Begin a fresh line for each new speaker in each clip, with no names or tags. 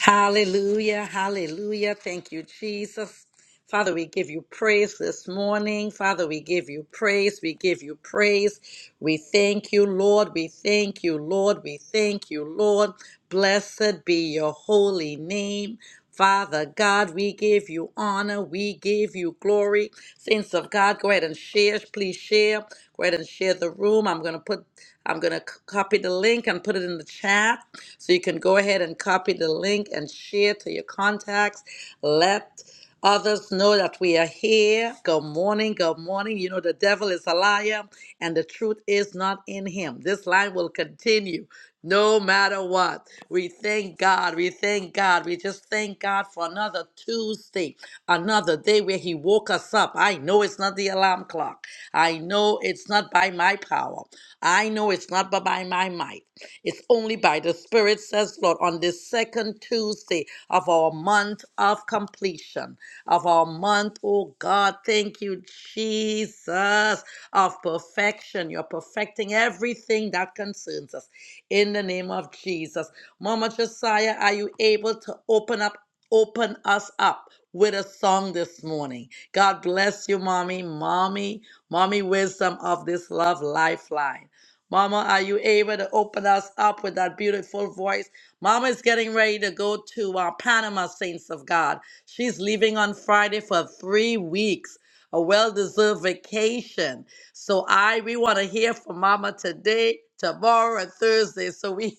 Hallelujah, hallelujah. Thank you, Jesus. Father, we give you praise this morning. Father, we give you praise. We give you praise. We thank you, Lord. We thank you, Lord. We thank you, Lord. Blessed be your holy name. Father God, we give you honor. We give you glory. Saints of God, go ahead and share. Please share. Go ahead and share the room. I'm going to put, I'm going to copy the link and put it in the chat. So you can go ahead and copy the link and share to your contacts. Let others know that we are here. Good morning. Good morning. You know, the devil is a liar and the truth is not in him. This line will continue no matter what. We thank God. We thank God. We just thank God for another Tuesday, another day where He woke us up. I know it's not the alarm clock. I know it's not by my power. I know it's not but by my might. It's only by the Spirit, says Lord, on this second Tuesday of our month of completion, of our month, oh God, thank you, Jesus, of perfection. You're perfecting everything that concerns us in the name of Jesus. Mama Josiah, are you able to open up, open us up with a song this morning? God bless you, mommy, mommy, mommy wisdom of this love lifeline. Mama, are you able to open us up with that beautiful voice? Mama is getting ready to go to uh, Panama, Saints of God. She's leaving on Friday for three weeks, a well deserved vacation. So I we want to hear from Mama today, tomorrow, and Thursday, so we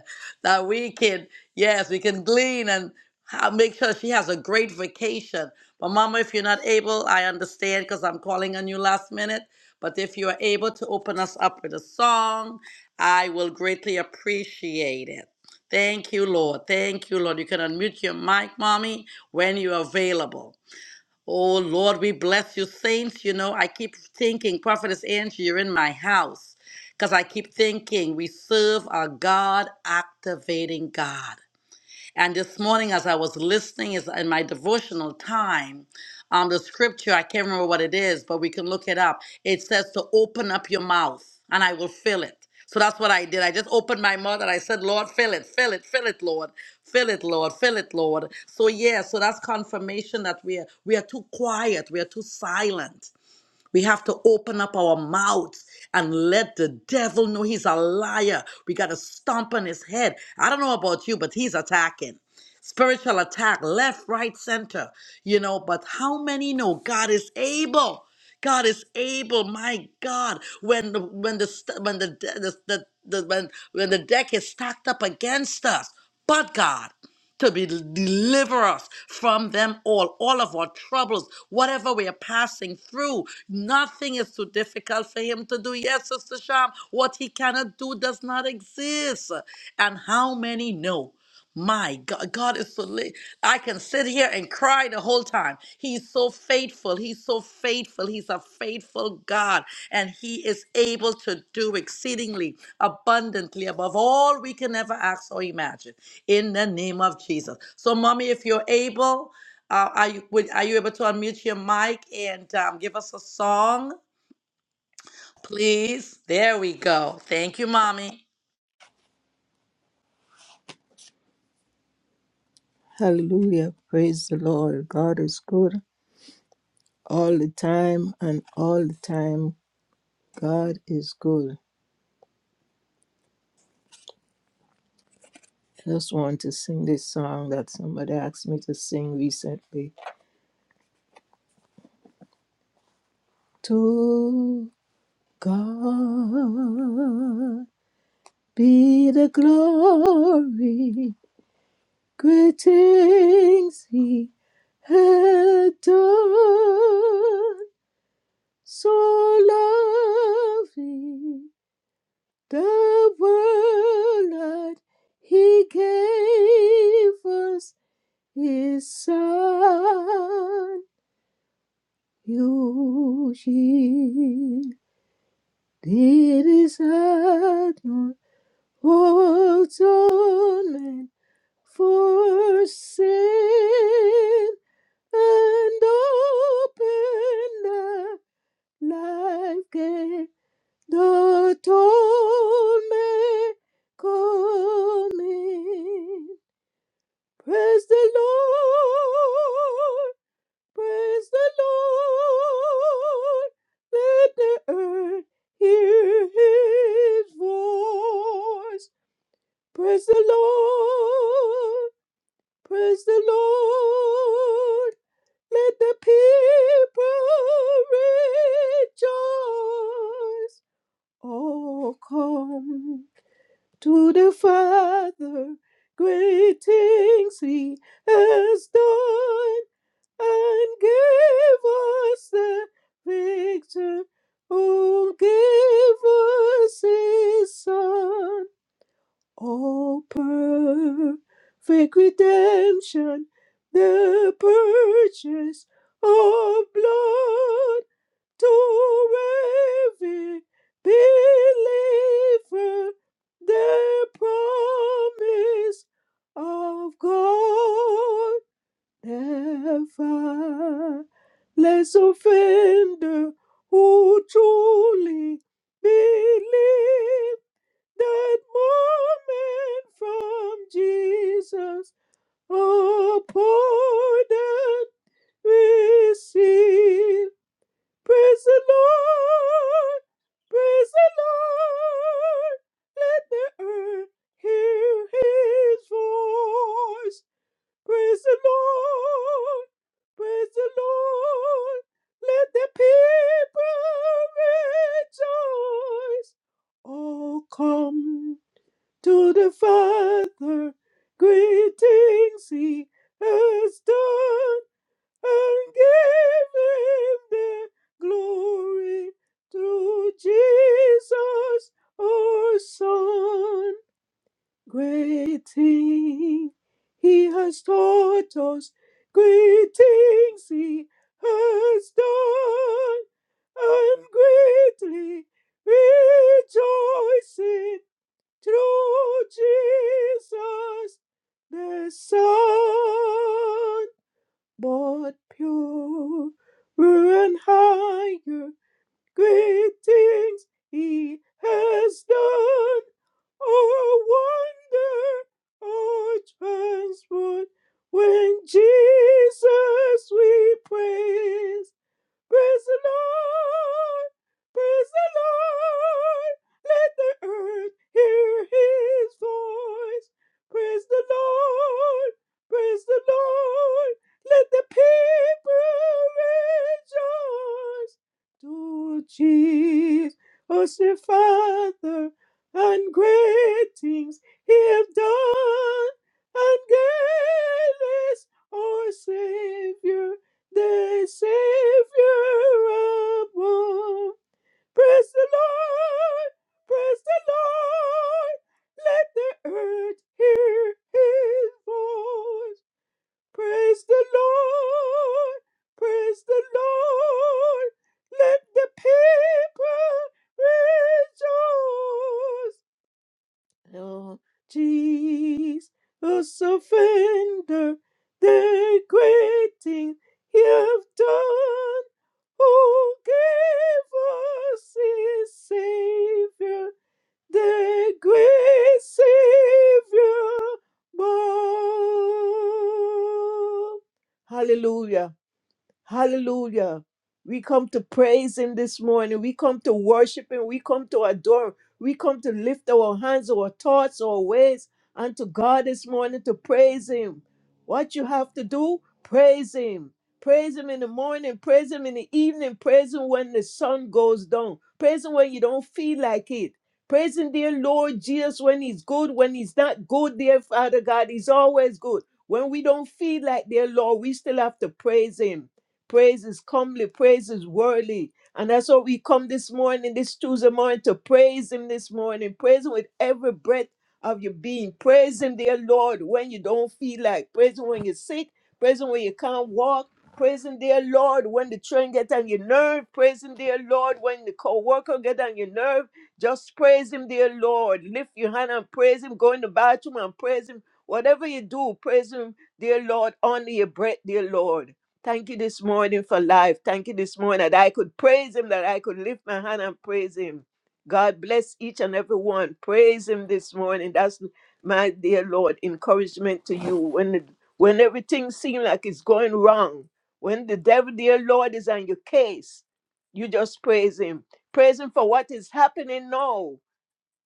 that we can yes we can glean and ha- make sure she has a great vacation. But Mama, if you're not able, I understand because I'm calling on you last minute. But if you are able to open us up with a song, I will greatly appreciate it. Thank you, Lord. Thank you, Lord. You can unmute your mic, mommy, when you're available. Oh Lord, we bless you, saints. You know, I keep thinking, Prophetess Angie, you're in my house. Because I keep thinking we serve a God activating God. And this morning, as I was listening, is in my devotional time, um, the scripture, I can't remember what it is, but we can look it up. It says to open up your mouth and I will fill it. So that's what I did. I just opened my mouth and I said, Lord, fill it, fill it, fill it, Lord. Fill it, Lord, fill it, Lord. So yeah, so that's confirmation that we are we are too quiet, we are too silent. We have to open up our mouths and let the devil know he's a liar. We got to stomp on his head. I don't know about you, but he's attacking. Spiritual attack, left, right, center, you know. But how many know God is able? God is able, my God. When the when the st- when the, de- the, the, the when when the deck is stacked up against us, but God to be deliver us from them all, all of our troubles, whatever we are passing through. Nothing is too difficult for him to do. Yes, Sister Sham, what he cannot do does not exist. And how many know? My God, God is so late. I can sit here and cry the whole time. He's so faithful. He's so faithful. He's a faithful God. And He is able to do exceedingly abundantly above all we can ever ask or imagine in the name of Jesus. So, Mommy, if you're able, uh, are, you, would, are you able to unmute your mic and um, give us a song, please? There we go. Thank you, Mommy.
Hallelujah. Praise the Lord. God is good all the time, and all the time, God is good. I just want to sing this song that somebody asked me to sing recently. To God be the glory, great things He had done, so lovely The world that he gave us his son. You did his admiral atonement for sin and open the life gate The toll may come in. Praise the Lord. Praise the Lord. Let the earth hear his voice. Praise the Lord. Praise the Lord. Let the people rejoice. Oh, come. to the Father, great things He has done, and gave us the victory. Oh, gave us His Son Oh, perfect redemption, the purchase of blood to every believer, the promise of God. Never less us offender who truly believe that moment from Jesus a pardon receive. Praise the Lord, praise the Lord, let the earth hear his voice. Praise the Lord. Praise the Lord. Let the people rejoice. Oh, come to the Father. Greetings he has done and give him the glory through Jesus, our Son. Great thing he has taught us, great things he has done, and greatly rejoicing through Jesus the Son, but pure and higher. Great things he has done. Oh, wonder, oh, transport. When Jesus we praise. Praise the Lord. Praise the Lord. Let the earth hear his voice. Praise the Lord. Praise the Lord. Let the people rejoice. To Jesus the Father and great things he have done. And God is our Savior the Savior above. Praise the Lord, praise the Lord. Let the earth hear his voice. Praise the Lord, praise the Lord. Let the people rejoice. Oh, Jesus, offender, the great thing he have done. Who gave us his Savior, the great Savior, born. Hallelujah. Hallelujah. We come to praise Him this morning. We come to worship Him. We come to adore Him. We come to lift our hands, our thoughts, our ways unto God this morning to praise Him. What you have to do, praise Him. Praise Him in the morning. Praise Him in the evening. Praise Him when the sun goes down. Praise Him when you don't feel like it. Praise Him, dear Lord Jesus, when He's good. When He's not good, dear Father God, He's always good. When we don't feel like, dear Lord, we still have to praise Him. Praise is comely, praise is worthy. And that's what we come this morning, this Tuesday morning, to praise Him this morning. Praise Him with every breath of your being. Praise Him, dear Lord, when you don't feel like. Praise Him when you're sick. Praise Him when you can't walk. Praise Him, dear Lord, when the train gets on your nerve. Praise Him, dear Lord, when the co-worker gets on your nerve. Just praise Him, dear Lord. Lift your hand and praise Him. Go in the bathroom and praise Him. Whatever you do, praise Him, dear Lord, under your breath, dear Lord. Thank you this morning for life. Thank you this morning that I could praise him, that I could lift my hand and praise him. God bless each and every one. Praise him this morning. That's my dear Lord, encouragement to you. When the, when everything seems like it's going wrong, when the devil, dear Lord, is on your case, you just praise him. Praise him for what is happening now.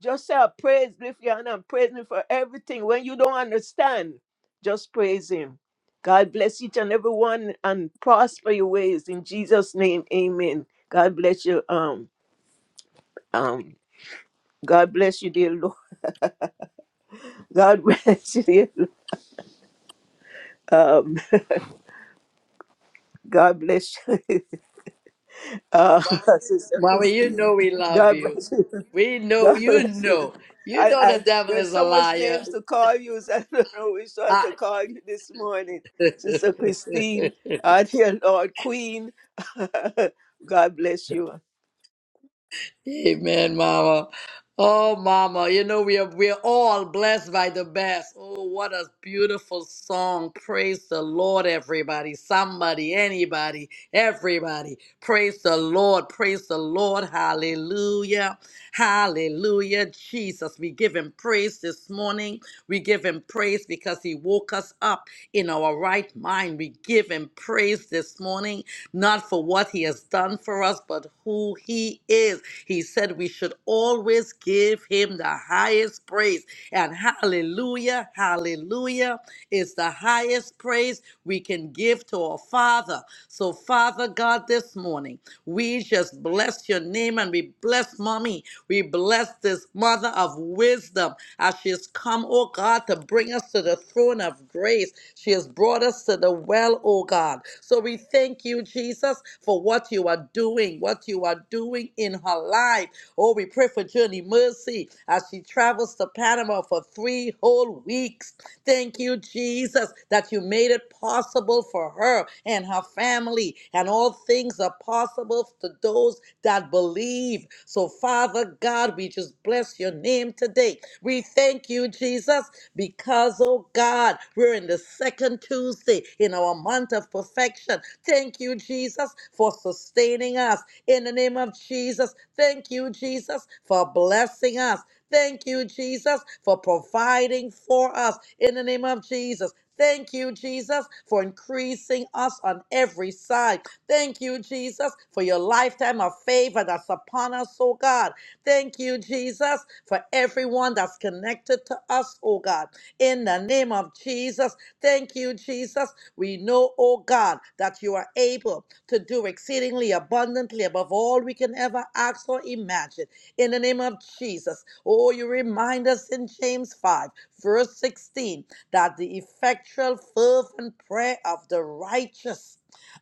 Just say, praise, lift your hand and praise me for everything. When you don't understand, just praise him. God bless each and every one and prosper your ways. In Jesus' name, amen. God bless you. Um, um, God bless you, dear Lord. God bless you, dear Um, God bless you. Uh, Sister
Mommy, you
Christine.
know we love
God
you.
bless you.
We know,
God
you
bless you.
know. You
I,
know the
I
devil
there's
is a
so much
liar.
names to call you. so I don't know which one
I,
to call you this morning. Sister Christine, our dear Lord Queen. God bless you.
Amen, Mama. Oh, Mama, you know we are we are all blessed by the best. Oh, what a beautiful song! Praise the Lord, everybody, somebody, anybody, everybody. Praise the Lord. Praise the Lord. Hallelujah. Hallelujah, Jesus. We give him praise this morning. We give him praise because he woke us up in our right mind. We give him praise this morning, not for what he has done for us, but who he is. He said we should always give him the highest praise. And hallelujah, hallelujah is the highest praise praise we can give to our Father. So, Father God, this morning, we just bless your name and we bless mommy. We bless this mother of wisdom as she has come, oh God, to bring us to the throne of grace. She has brought us to the well, oh God. So we thank you, Jesus, for what you are doing, what you are doing in her life. Oh, we pray for Journey Mercy as she travels to Panama for three whole weeks. Thank you, Jesus, that you made it possible for her and her family, and all things are possible to those that believe. So, Father God, we just bless your name today. We thank you, Jesus, because, oh God, we're in the second Tuesday in our month of perfection. Thank you, Jesus, for sustaining us in the name of Jesus. Thank you, Jesus, for blessing us. Thank you, Jesus, for providing for us in the name of Jesus. Thank you, Jesus, for increasing us on every side. Thank you, Jesus, for your lifetime of favor that's upon us, oh God. Thank you, Jesus, for everyone that's connected to us, oh God. In the name of Jesus, thank you, Jesus. We know, oh God, that you are able to do exceedingly abundantly above all we can ever ask or imagine. In the name of Jesus. Oh, you remind us in James 5, verse 16, that the effectual, fervent prayer of the righteous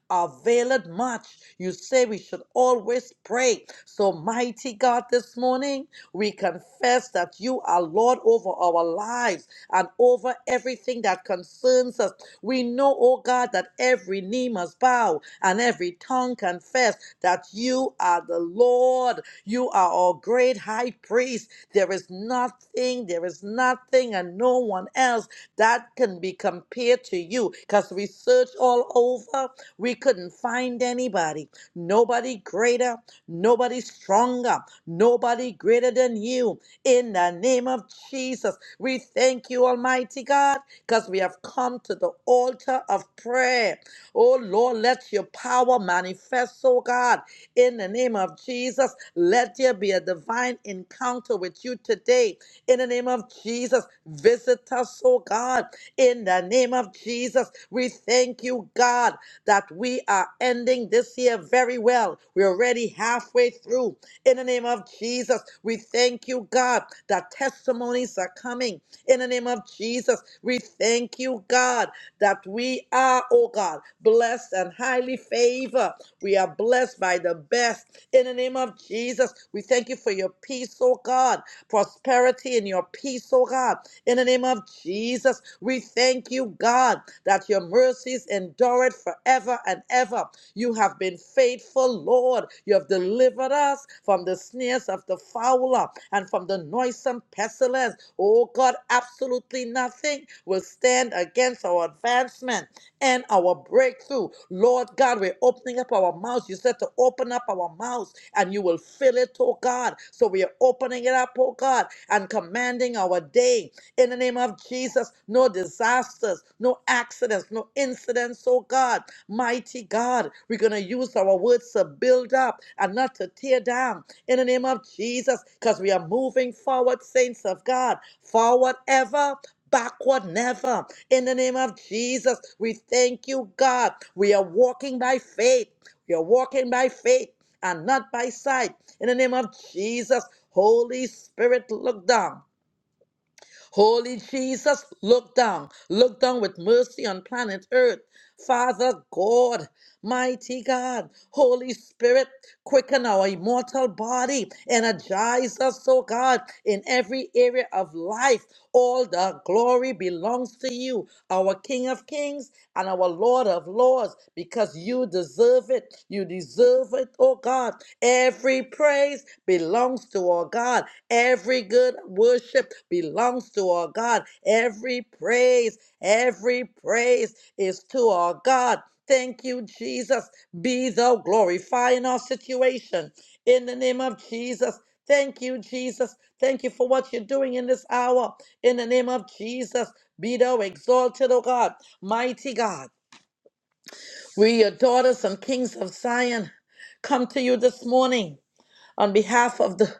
availeth much. You say we should always pray. So, mighty God, this morning we confess that you are Lord over our lives and over everything that concerns us. We know, oh God, that every knee must bow and every tongue confess that you are the Lord. You are our great high priest. There is nothing, there is nothing, and no one else that can be compared to you. Because we searched all over, we couldn't find anybody. Nobody greater, nobody stronger, nobody greater than you. In the name of Jesus, we thank you, Almighty God, because we have come to the altar of prayer. Oh Lord, let your power manifest, oh God. In the name of Jesus, let there be a divine encounter with you today. In the name of Jesus, visit us, oh God. In the name of Jesus, we thank you, God, that we are ending this year very well. We're already halfway through. In the name of Jesus, we thank you, God, that testimonies are coming. In the name of Jesus, we thank you, God, that we are, oh God, blessed and highly favored. We are blessed by the best. In the name of Jesus, we thank you for your peace, oh God, prosperity and your peace, oh God. In the name of Jesus, we thank you, God, that your mercies endure it forever and ever. You have been faithful, Lord. You have delivered us from the snares of the fowler and from the noisome pestilence. Oh God, absolutely nothing will stand against our advancement and our breakthrough. Lord God, we're opening up our mouths. You said to open up our mouths and you will fill it, oh God. So we are opening it up, oh God, and commanding our day. In the name of Jesus, no disasters, no accidents, no incidents, oh God. Mighty God, we're going to use our words to build up and not to tear down. In the name of Jesus, because we are moving forward, saints of God, forward ever backward never. In the name of Jesus, we thank you, God. We are walking by faith. We are walking by faith and not by sight. In the name of Jesus, Holy Spirit, look down. Holy Jesus, look down. Look down with mercy on planet Earth. Father God, mighty God, Holy Spirit, quicken our immortal body. Energize us, oh God, in every area of life. All the glory belongs to you, our King of Kings and our Lord of Lords, because you deserve it. You deserve it, oh God. Every praise belongs to our God. Every good worship belongs to our God. Every praise, every praise is to our God. Thank you, Jesus. Be thou glorified in our situation. In the name of Jesus. Thank you, Jesus. Thank you for what you're doing in this hour. In the name of Jesus. Be thou exalted, O God, mighty God. We, your daughters and kings of Zion, come to you this morning on behalf of the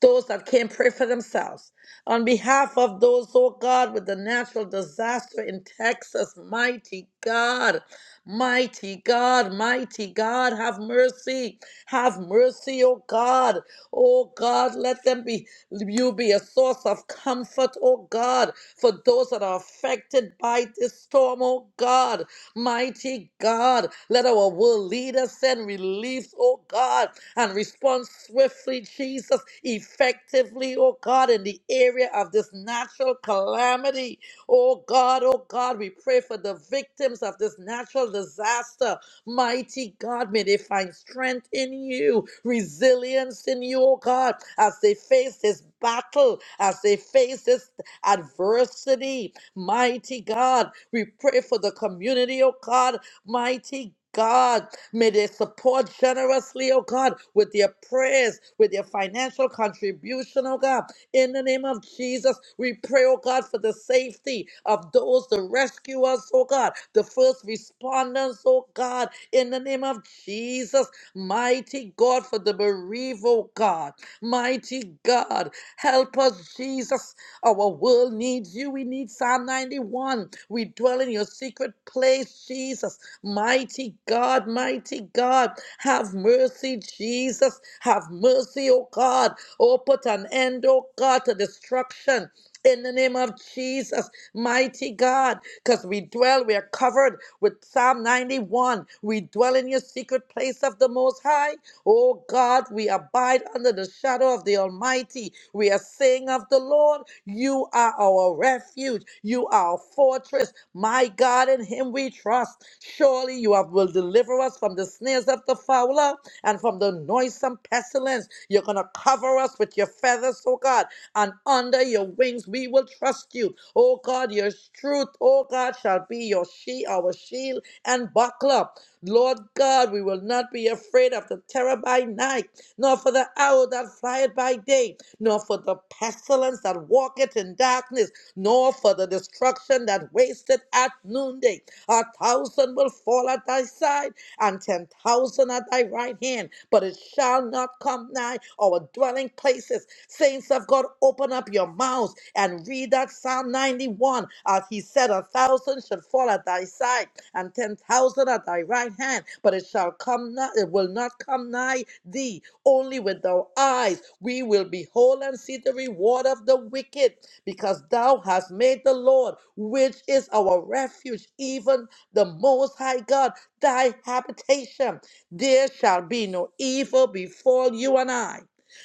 those that can't pray for themselves, on behalf of those, oh God, with the natural disaster in Texas, mighty God, mighty God, mighty God, have mercy, have mercy, oh God, oh God, let them be, you be a source of comfort, oh God, for those that are affected by this storm, oh God, mighty God, let our world leaders send relief, oh God, and respond swiftly, Jesus, effectively, oh God, in the area of this natural calamity. Oh God, oh God, we pray for the victims of this natural disaster. Mighty God, may they find strength in you, resilience in you, oh God, as they face this battle, as they face this adversity. Mighty God, we pray for the community, oh God, mighty God. May they support generously, oh God, with their prayers, with their financial contribution, oh God. In the name of Jesus, we pray, oh God, for the safety of those, the rescuers, oh God, the first responders, oh God. In the name of Jesus, mighty God, for the bereaved, oh God. Mighty God, help us, Jesus. Our world needs you. We need Psalm 91. We dwell in your secret place, Jesus. Mighty God, mighty God, have mercy, Jesus. Have mercy, oh God. Oh, put an end, oh God, to destruction. In the name of Jesus, mighty God, because we dwell, we are covered with Psalm 91. We dwell in your secret place of the Most High. Oh God, we abide under the shadow of the Almighty. We are saying of the Lord, You are our refuge, You are our fortress. My God, in him we trust. Surely you have, will deliver us from the snares of the fowler and from the noisome pestilence. You're going to cover us with your feathers, oh God, and under your wings we will trust you. Oh God, your truth, oh God, shall be your she, our shield and buckler. Lord God, we will not be afraid of the terror by night, nor for the owl that flieth by day, nor for the pestilence that walketh in darkness nor for the destruction that wasted at noonday. A thousand will fall at thy side, and ten thousand at thy right hand, but it shall not come nigh our dwelling places. Saints of God, open up your mouths and read that Psalm 91. As he said, a thousand shall fall at thy side, and ten thousand at thy right hand, but it shall come not, it will not come nigh thee. Only with our eyes we will behold and see the reward of the wicked because thou hast made the Lord, which is our refuge, even the Most High God, thy habitation. There shall be no evil befall you and I,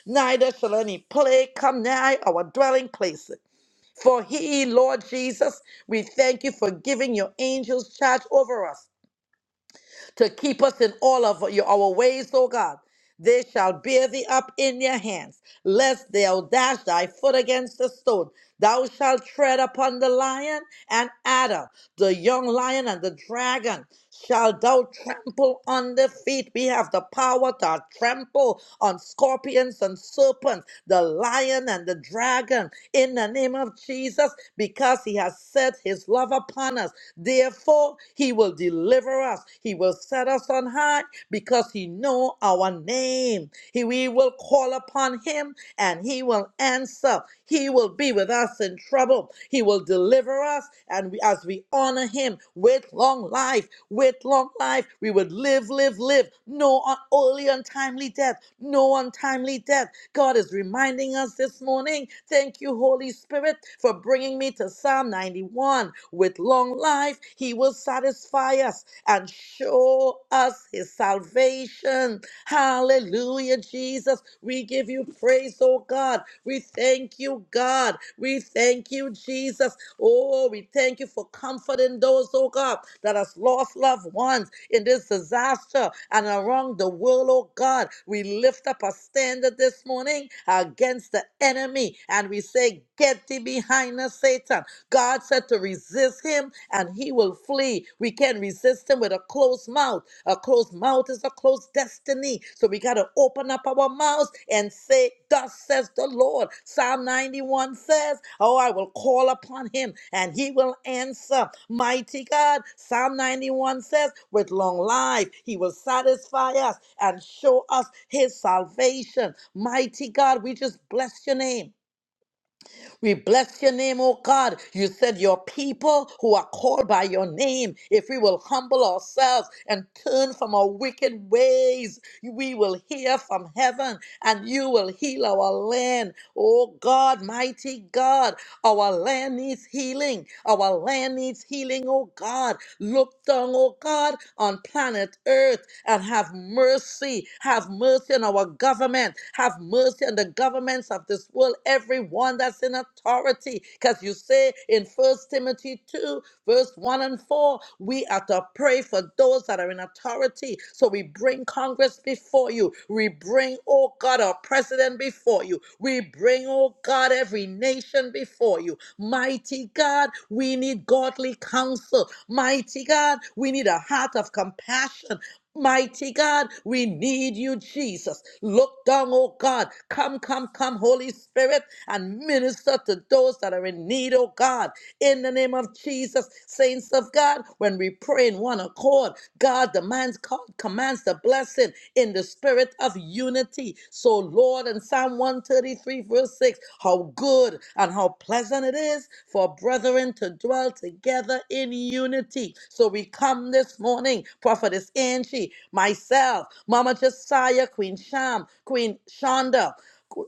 neither shall any plague come nigh our dwelling place. For he, Lord Jesus, we thank you for giving your angels charge over us to keep us in all of your, our ways, O God. They shall bear thee up in your hands, lest thou dash thy foot against a stone. Thou shalt tread upon the lion and adder, the young lion and the dragon. Shall thou trample under feet? We have the power to trample on scorpions and serpents, the lion and the dragon, in the name of Jesus, because he has set his love upon us. Therefore, he will deliver us. He will set us on high because he know our name. He, we will call upon him and he will answer. He will be with us us in trouble. He will deliver us. And we, as we honor him with long life, with long life, we would live, live, live. No un- only untimely death, no untimely death. God is reminding us this morning. Thank you, Holy Spirit, for bringing me to Psalm 91. With long life, he will satisfy us and show us his salvation. Hallelujah, Jesus. We give you praise, oh God. We thank you, God. We thank you, Jesus. Oh, we thank you for comforting those, oh God, that has lost loved ones in this disaster and around the world, oh God. We lift up a standard this morning against the enemy and we say, Get thee behind us, Satan. God said to resist him and he will will flee. We can't resist him with a closed mouth. A closed mouth is a closed destiny. So we got to open up our mouths and say, Thus says the Lord. Psalm 91 says, Oh, I will call upon him and he will answer. Mighty God. Psalm 91 says, With long life, he will satisfy us and show us his salvation. Mighty God, we just bless your name. We bless your name, oh God. You said your people who are called by your name, if we will humble ourselves and turn from our wicked ways, we will hear from heaven and you will heal our land. Oh God, mighty God, our land needs healing. Our land needs healing, oh God. Look down, oh God, on planet Earth and have mercy. Have mercy on our government. Have mercy on the governments of this world, everyone that's in authority. Because you say in First Timothy 2, verse 1 1 and 4. We are to pray for those that are in authority. So we bring Congress before you. We bring, oh God, our president before you. We bring, oh God, every nation before you. Mighty God, we need godly counsel. Mighty God, we need a heart of compassion. Mighty God, we need you, Jesus. Look down, oh God. Come, come, come, Holy Spirit, and minister to those that are in need, oh God. In the name of Jesus, saints of God, when we pray in one accord, God demands, commands the blessing in the spirit of unity. So, Lord, in Psalm 133, verse 6, how good and how pleasant it is for brethren to dwell dwell together in unity. So we come this morning, Prophetess Angie, myself, Mama Josiah, Queen Sham, Queen Shonda,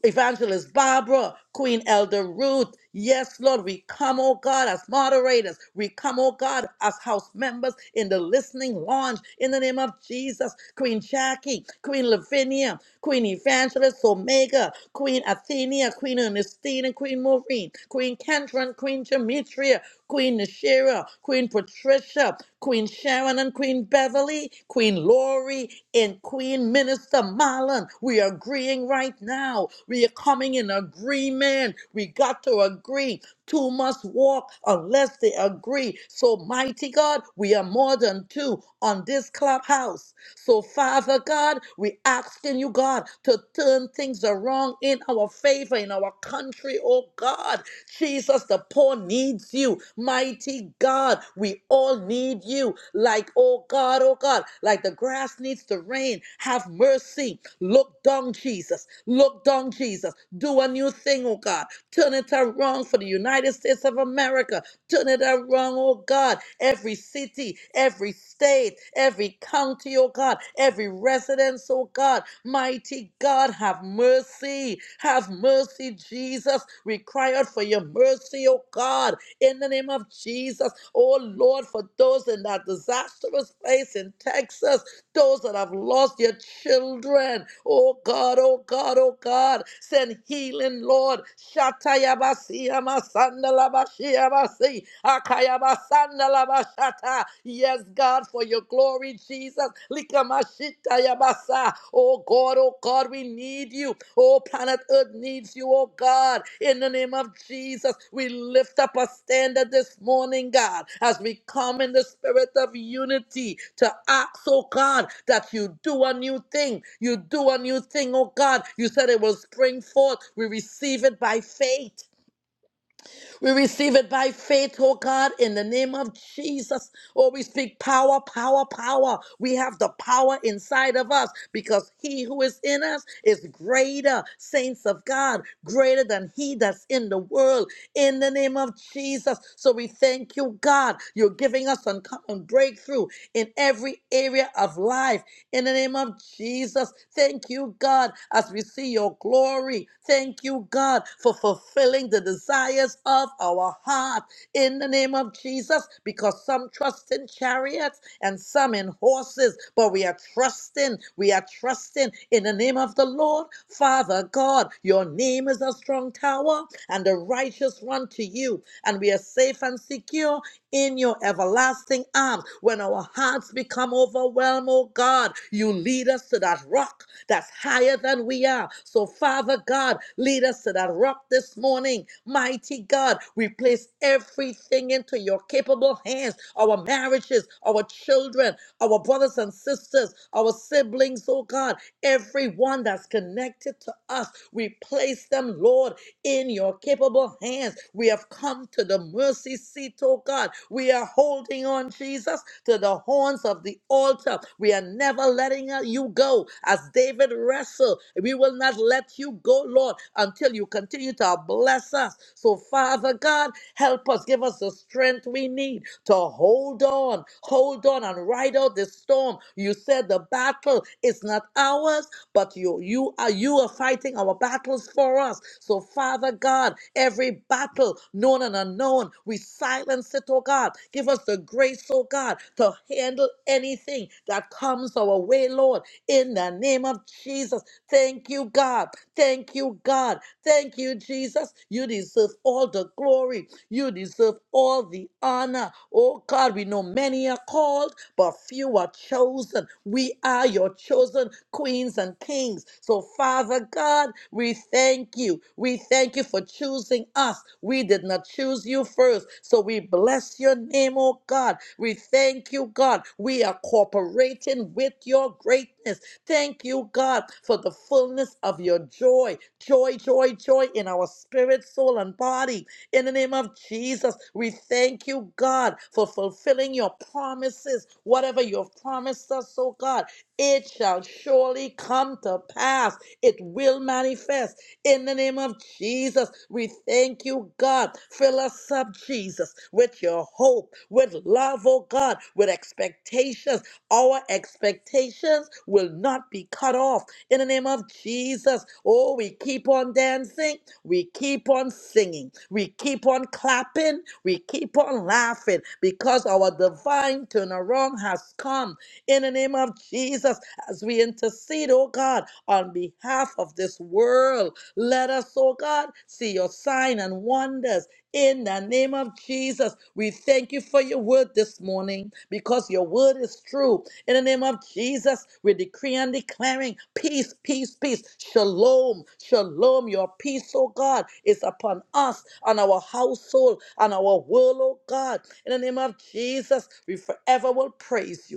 Evangelist Barbara, Queen Elder Ruth. Yes, Lord, we come, oh God, as moderators. We come, oh God, as house members in the listening lounge in the name of Jesus. Queen Jackie, Queen Lavinia, Queen Evangelist Omega, Queen. Queen Athenia, Queen Ernestina, Queen Maureen, Queen Kendron, Queen Demetria, Queen Nashira, Queen Patricia, Queen Sharon and Queen Beverly, Queen Lori, and Queen Minister Marlon. We are agreeing right now. We are coming in agreement. We got to agree. Two must walk unless they agree. So, mighty God, we are more than two on this clubhouse. So, Father God, we asking you, God, to turn things around in our favor, in our country, oh God. Jesus, the poor needs you. Mighty God, we all need you. Like, oh God, oh God, like the grass needs the rain. Have mercy. Look down, Jesus. Look down, Jesus. Do a new thing, oh God. Turn it around for the United States of America. Turn it around, oh God. Every city, every state, every county, oh God. Every residence, oh God. Mighty God, have mercy. Have mercy, Jesus. We cry out for your mercy, oh God. In the name of Jesus, oh Lord, for those in that disastrous place in Texas those that have lost their children. Oh God, oh God, oh God, send healing, Lord. Shatayabasi amasandalabashi abasi, akayabasandalabashata. Yes, God, for your glory, Jesus. Likamashitayabasa. Oh God, oh God, we need need you. Oh, planet Earth needs you, oh God. In the name of Jesus, we lift up a standard this morning, God, as we come in the spirit of unity to ask, oh God, that you do a new thing. You do a new thing, oh God. You said it will spring forth. We receive it by faith. We receive it by faith, oh God, in the name of Jesus. Oh, we speak power, power, power. We have the power inside of us because he who is in us is greater, saints of God, greater than he that's in the world, in the name of Jesus. So we thank you, God. You're giving us uncommon breakthrough in every area of life, in the name of Jesus. Thank you, God, as we see your glory. Thank you, God, for fulfilling the desires of our heart in the name of Jesus, because some trust in chariots and some in horses, but we are trusting, we are trusting in the name of the Lord. Father God, your name is a strong tower, and the righteous run to you, and we are safe and secure in your everlasting arms. When our hearts become overwhelmed, oh God, you lead us to that rock that's higher than we are. So, Father God, lead us to that rock this morning. Mighty God, we place everything into your capable hands our marriages, our children, our brothers and sisters, our siblings, oh God, everyone that's connected to us. We place them, Lord, in your capable hands. We have come to the mercy seat, oh God. We are holding on, Jesus, to the horns of the altar. We are never letting uh, you go. As David wrestled, we will not let you go, Lord, until you continue to bless us. So, Father God, help us, give us the strength we need to hold on, hold on, and ride out this storm. You said the battle is not ours, but you you are you are fighting our battles for us. So Father God, every battle known and unknown, we silence it, oh God. Give us the grace, oh God, to handle anything that comes our way, Lord, in the name of Jesus. Thank you, God. Thank you, God. Thank you, Jesus. You deserve all the glory. You deserve all the honor. Oh God, we know many are called but few are chosen. We are your chosen queens and kings. So, Father God, we thank you. We thank you for choosing us. We did not choose you first. So, we bless your name, oh God. We thank you, God. We are cooperating with your greatness. Thank you, God, for the fullness of your joy. Joy, joy, joy in our spirit, soul, and body. In the name of Jesus, we thank you, God, for fulfilling your promises. Whatever you've promised us, oh God, it shall surely come to pass. It will manifest. In the name of Jesus, we thank you, God. Fill us up, Jesus, with your hope, with love, oh God, with expectations. Our expectations will not be cut off. In the name of Jesus, oh, we keep on dancing we keep on singing. We keep on clapping. We keep on laughing because our divine turnaround has come in the name of Jesus as we intercede, oh God, on behalf of this world. Let us, oh God, see your sign and wonders in the name of Jesus, we thank you for your word this morning because your word is true. In the name of Jesus, we decree and declaring peace, peace, peace. Shalom, shalom. Your peace, oh God, is upon us and our household and our world, oh God. In the name of Jesus, we forever will praise you.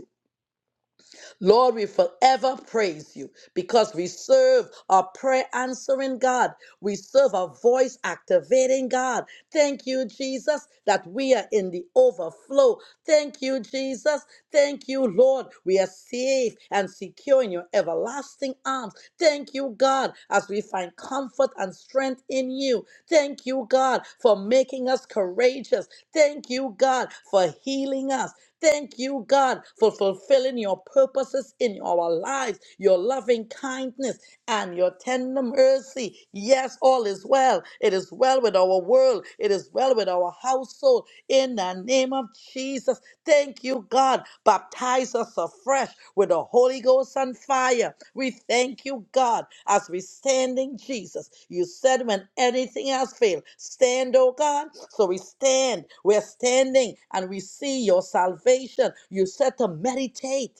Lord, we forever praise you because we serve a prayer answering God. We serve a voice activating God. Thank you, Jesus, that we are in the overflow. Thank you, Jesus. Thank you, Lord. We are safe and secure in your everlasting arms. Thank you, God, as we find comfort and strength in you. Thank you, God, for making us courageous. Thank you, God, for healing us. Thank you, God, for fulfilling your purposes in our lives, your loving kindness and your tender mercy. Yes, all is well. It is well with our world. It is well with our household. In the name of Jesus, Thank you, God. Baptize us afresh with the Holy Ghost and fire. We thank you, God, as we stand in Jesus. You said when anything else failed, stand, oh God. So we stand. We're standing and we see your salvation. You said to meditate.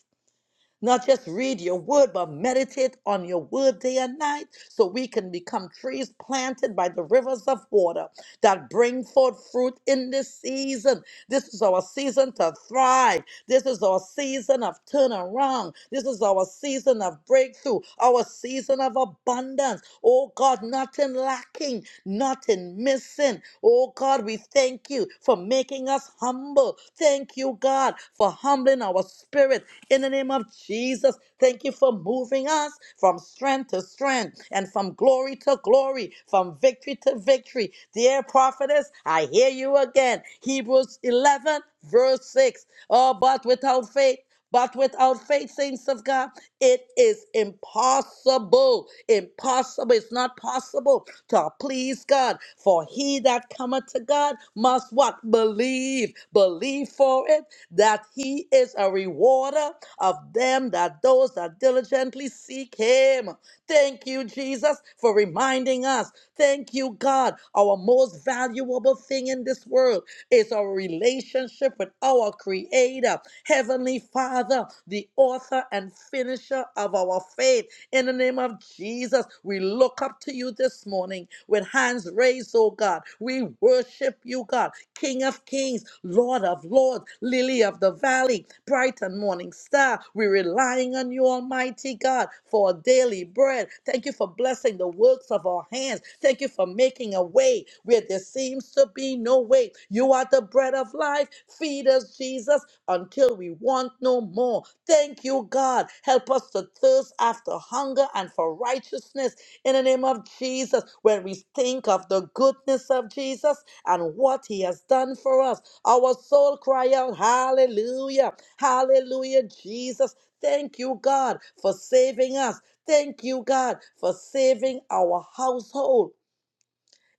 Not just read your word, but meditate on your word day and night so we can become trees planted by the rivers of water that bring forth fruit in this season. This is our season to thrive. This is our season of turnaround. This is our season of breakthrough, our season of abundance. Oh God, nothing lacking, nothing missing. Oh God, we thank you for making us humble. Thank you, God, for humbling in our spirit. In the name of Jesus, thank you for moving us from strength to strength and from glory to glory, from victory to victory. Dear prophetess, I hear you again. Hebrews 11, verse 6. Oh, but without faith, but without faith, saints of God, it is impossible. Impossible. It's not possible to please God. For he that cometh to God must what? Believe. Believe for it that he is a rewarder of them that those that diligently seek him. Thank you, Jesus, for reminding us. Thank you, God. Our most valuable thing in this world is our relationship with our Creator, Heavenly Father, the author and finisher of our faith. In the name of Jesus, we look up to you this morning with hands raised, oh God. We worship you, God, King of Kings, Lord of of Lords, Lily of the Valley, bright and morning star. We're relying on you, Almighty God, for our daily bread. Thank you for blessing the works of our hands. Thank you for making a way where there seems to be no way. You are the bread of life. Feed us, Jesus, until we want no more. Thank you, God. Help us to thirst after hunger and for righteousness in the name of Jesus. When we think of the goodness of Jesus and what he has done for us, our soul cry out, Hallelujah, Hallelujah, Jesus. Thank you, God, for saving us. Thank you, God, for saving our household.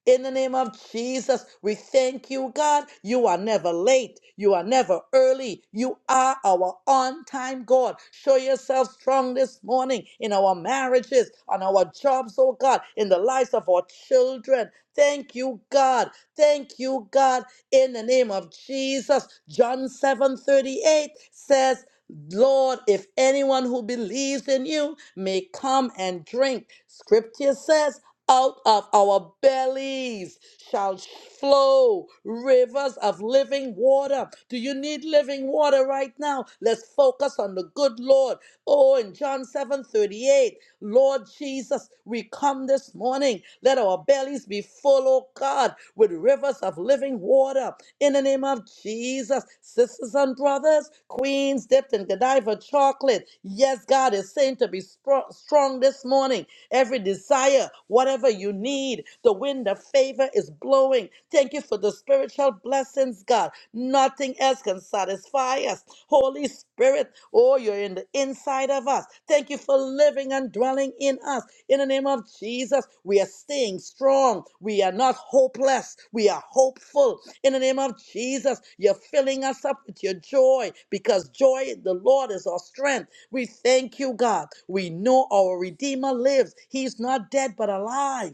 In the name of Jesus, we thank you, God. You are never late. You are never early. You are our on time God. Show yourself strong this morning in our marriages, on our jobs, oh God, in the lives of our children. Thank you, God. Thank you, God. In the name of Jesus, John 7 38 says, Lord, if anyone who believes in you may come and drink. Scripture says, out of our bellies shall flow rivers of living water. Do you need living water right now? Let's focus on the good Lord. Oh, in John 7 38. Lord Jesus, we come this morning. Let our bellies be full, oh God, with rivers of living water. In the name of Jesus, sisters and brothers, queens dipped in Godiva chocolate. Yes, God is saying to be spro- strong this morning. Every desire, whatever you need, the wind of favor is blowing. Thank you for the spiritual blessings, God. Nothing else us, can satisfy us. Holy Spirit, oh, you're in the inside of us. Thank you for living and dwelling in us. In the name of Jesus, we are staying strong. We are not hopeless. We are hopeful. In the name of Jesus, you're filling us up with your joy because joy, the Lord, is our strength. We thank you, God. We know our Redeemer lives. He's not dead, but alive.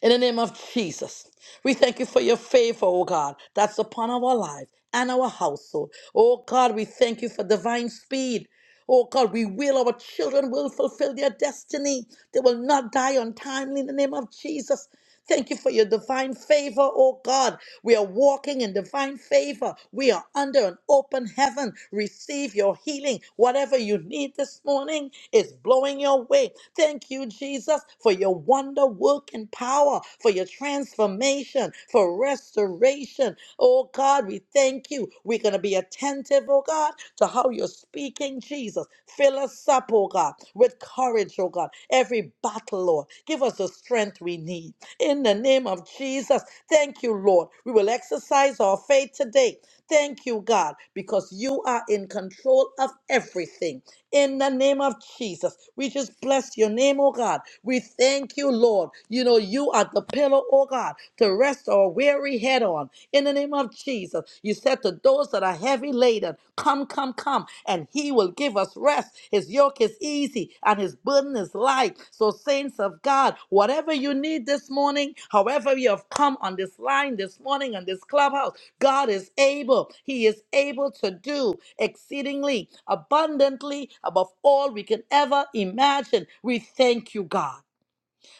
In the name of Jesus, we thank you for your favor, oh God, that's upon our life and our household. Oh God, we thank you for divine speed. Oh God, we will, our children will fulfill their destiny. They will not die untimely in the name of Jesus. Thank you for your divine favor, oh God. We are walking in divine favor. We are under an open heaven. Receive your healing. Whatever you need this morning is blowing your way. Thank you, Jesus, for your wonder working power, for your transformation, for restoration. Oh God, we thank you. We're going to be attentive attentive, oh God, to how you're speaking, Jesus. Fill us up, oh God, with courage, oh God. Every battle, Lord, give us the strength we need. In the name of Jesus, thank you, Lord. We will exercise our faith today. Thank you, God, because you are in control of everything. In the name of Jesus, we just bless your name, oh God. We thank you, Lord. You know, you are the pillow, oh God, to rest our weary head on. In the name of Jesus, you said to those that are heavy laden, Come, come, come, and he will give us rest. His yoke is easy and his burden is light. So, saints of God, whatever you need this morning, however you have come on this line this morning on this clubhouse, God is able. He is able to do exceedingly, abundantly, above all we can ever imagine. We thank you, God,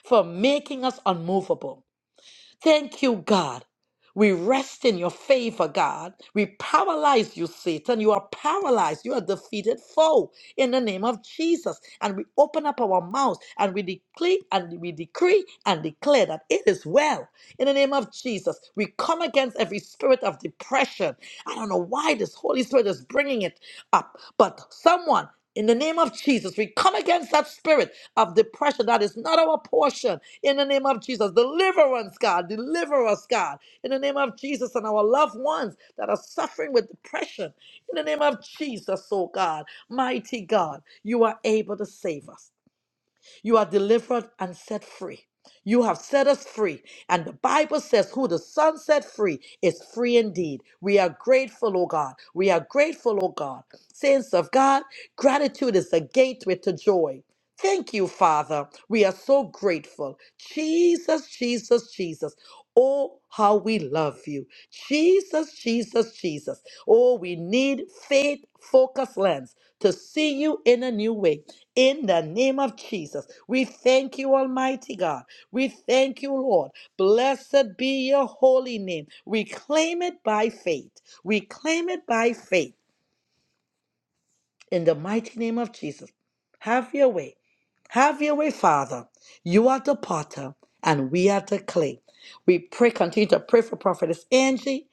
for making us unmovable. Thank you, God. We rest in your favor, God. We paralyze you, Satan. You are paralyzed. You are defeated foe in the name of Jesus. And we open up our mouths and we decree and we decree and declare that it is well. In the name of Jesus, we come against every spirit of depression. I don't know why this Holy Spirit is bringing it up, but someone in the name of Jesus, we come against that spirit of depression that is not our portion. In the name of Jesus, deliver us, God. Deliver us, God. In the name of Jesus and our loved ones that are suffering with depression. In the name of Jesus, oh God, mighty God, you are able to save us. You are delivered and set free. You have set us free. And the Bible says, Who the Son set free is free indeed. We are grateful, O God. We are grateful, O God. Saints of God, gratitude is a gateway to joy. Thank you, Father. We are so grateful. Jesus, Jesus, Jesus. Oh, how we love you. Jesus, Jesus, Jesus. Oh, we need faith focused lens to see you in a new way in the name of Jesus. We thank you, Almighty God. We thank you, Lord. Blessed be your holy name. We claim it by faith. We claim it by faith in the mighty name of Jesus, have your way. Have your way, Father. You are the potter, and we are the clay. We pray, continue to pray for Prophetess Angie.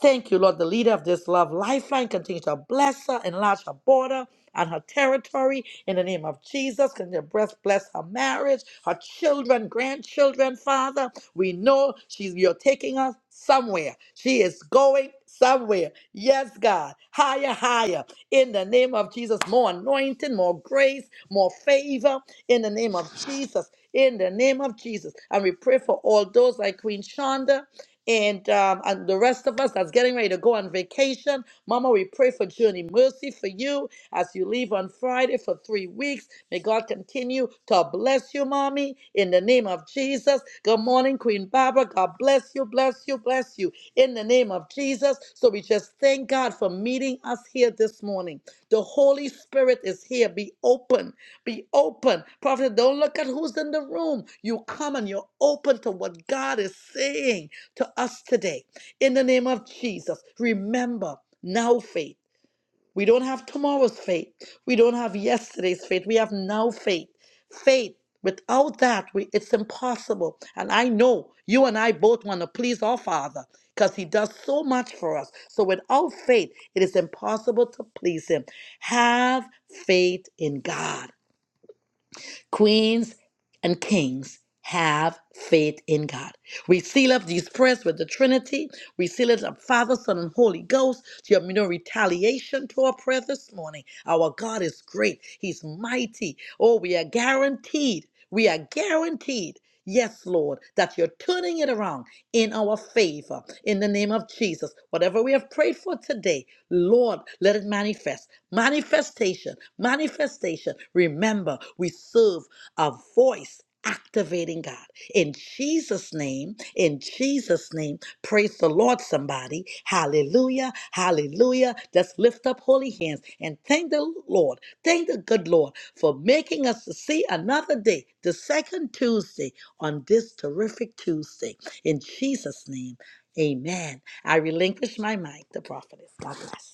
Thank you, Lord, the leader of this love lifeline. Continue to bless her, enlarge her border and her territory in the name of Jesus. Continue to bless, bless her marriage, her children, grandchildren, Father. We know she's you're taking us somewhere. She is going somewhere. Yes, God. Higher, higher in the name of Jesus. More anointing, more grace, more favor in the name of Jesus. In the name of Jesus. And we pray for all those like Queen Shonda and um, and the rest of us that's getting ready to go on vacation. Mama, we pray for Journey Mercy for you as you leave on Friday for three weeks. May God continue to bless you, Mommy, in the name of Jesus. Good morning, Queen Barbara. God bless you, bless you, bless you in the name of Jesus. So we just thank God for meeting us here this morning. The Holy Spirit is here. Be open. Be open. Prophet, don't look at who's in the room. You come and you're open to what God is saying to us today. In the name of Jesus, remember now faith. We don't have tomorrow's faith. We don't have yesterday's faith. We have now faith. Faith. Without that, we, it's impossible. And I know you and I both want to please our Father because He does so much for us. So without faith, it is impossible to please Him. Have faith in God. Queens and kings have faith in God. We seal up these prayers with the Trinity. We seal it up, Father, Son, and Holy Ghost. To have no retaliation to our prayer this morning. Our God is great. He's mighty. Oh, we are guaranteed. We are guaranteed Yes, Lord, that you're turning it around in our favor in the name of Jesus. Whatever we have prayed for today, Lord, let it manifest. Manifestation, manifestation. Remember, we serve a voice activating God. In Jesus' name, in Jesus' name, praise the Lord, somebody. Hallelujah, hallelujah. Let's lift up holy hands and thank the Lord, thank the good Lord for making us to see another day, the second Tuesday on this terrific Tuesday. In Jesus' name, amen. I relinquish my mic, the prophetess. God bless.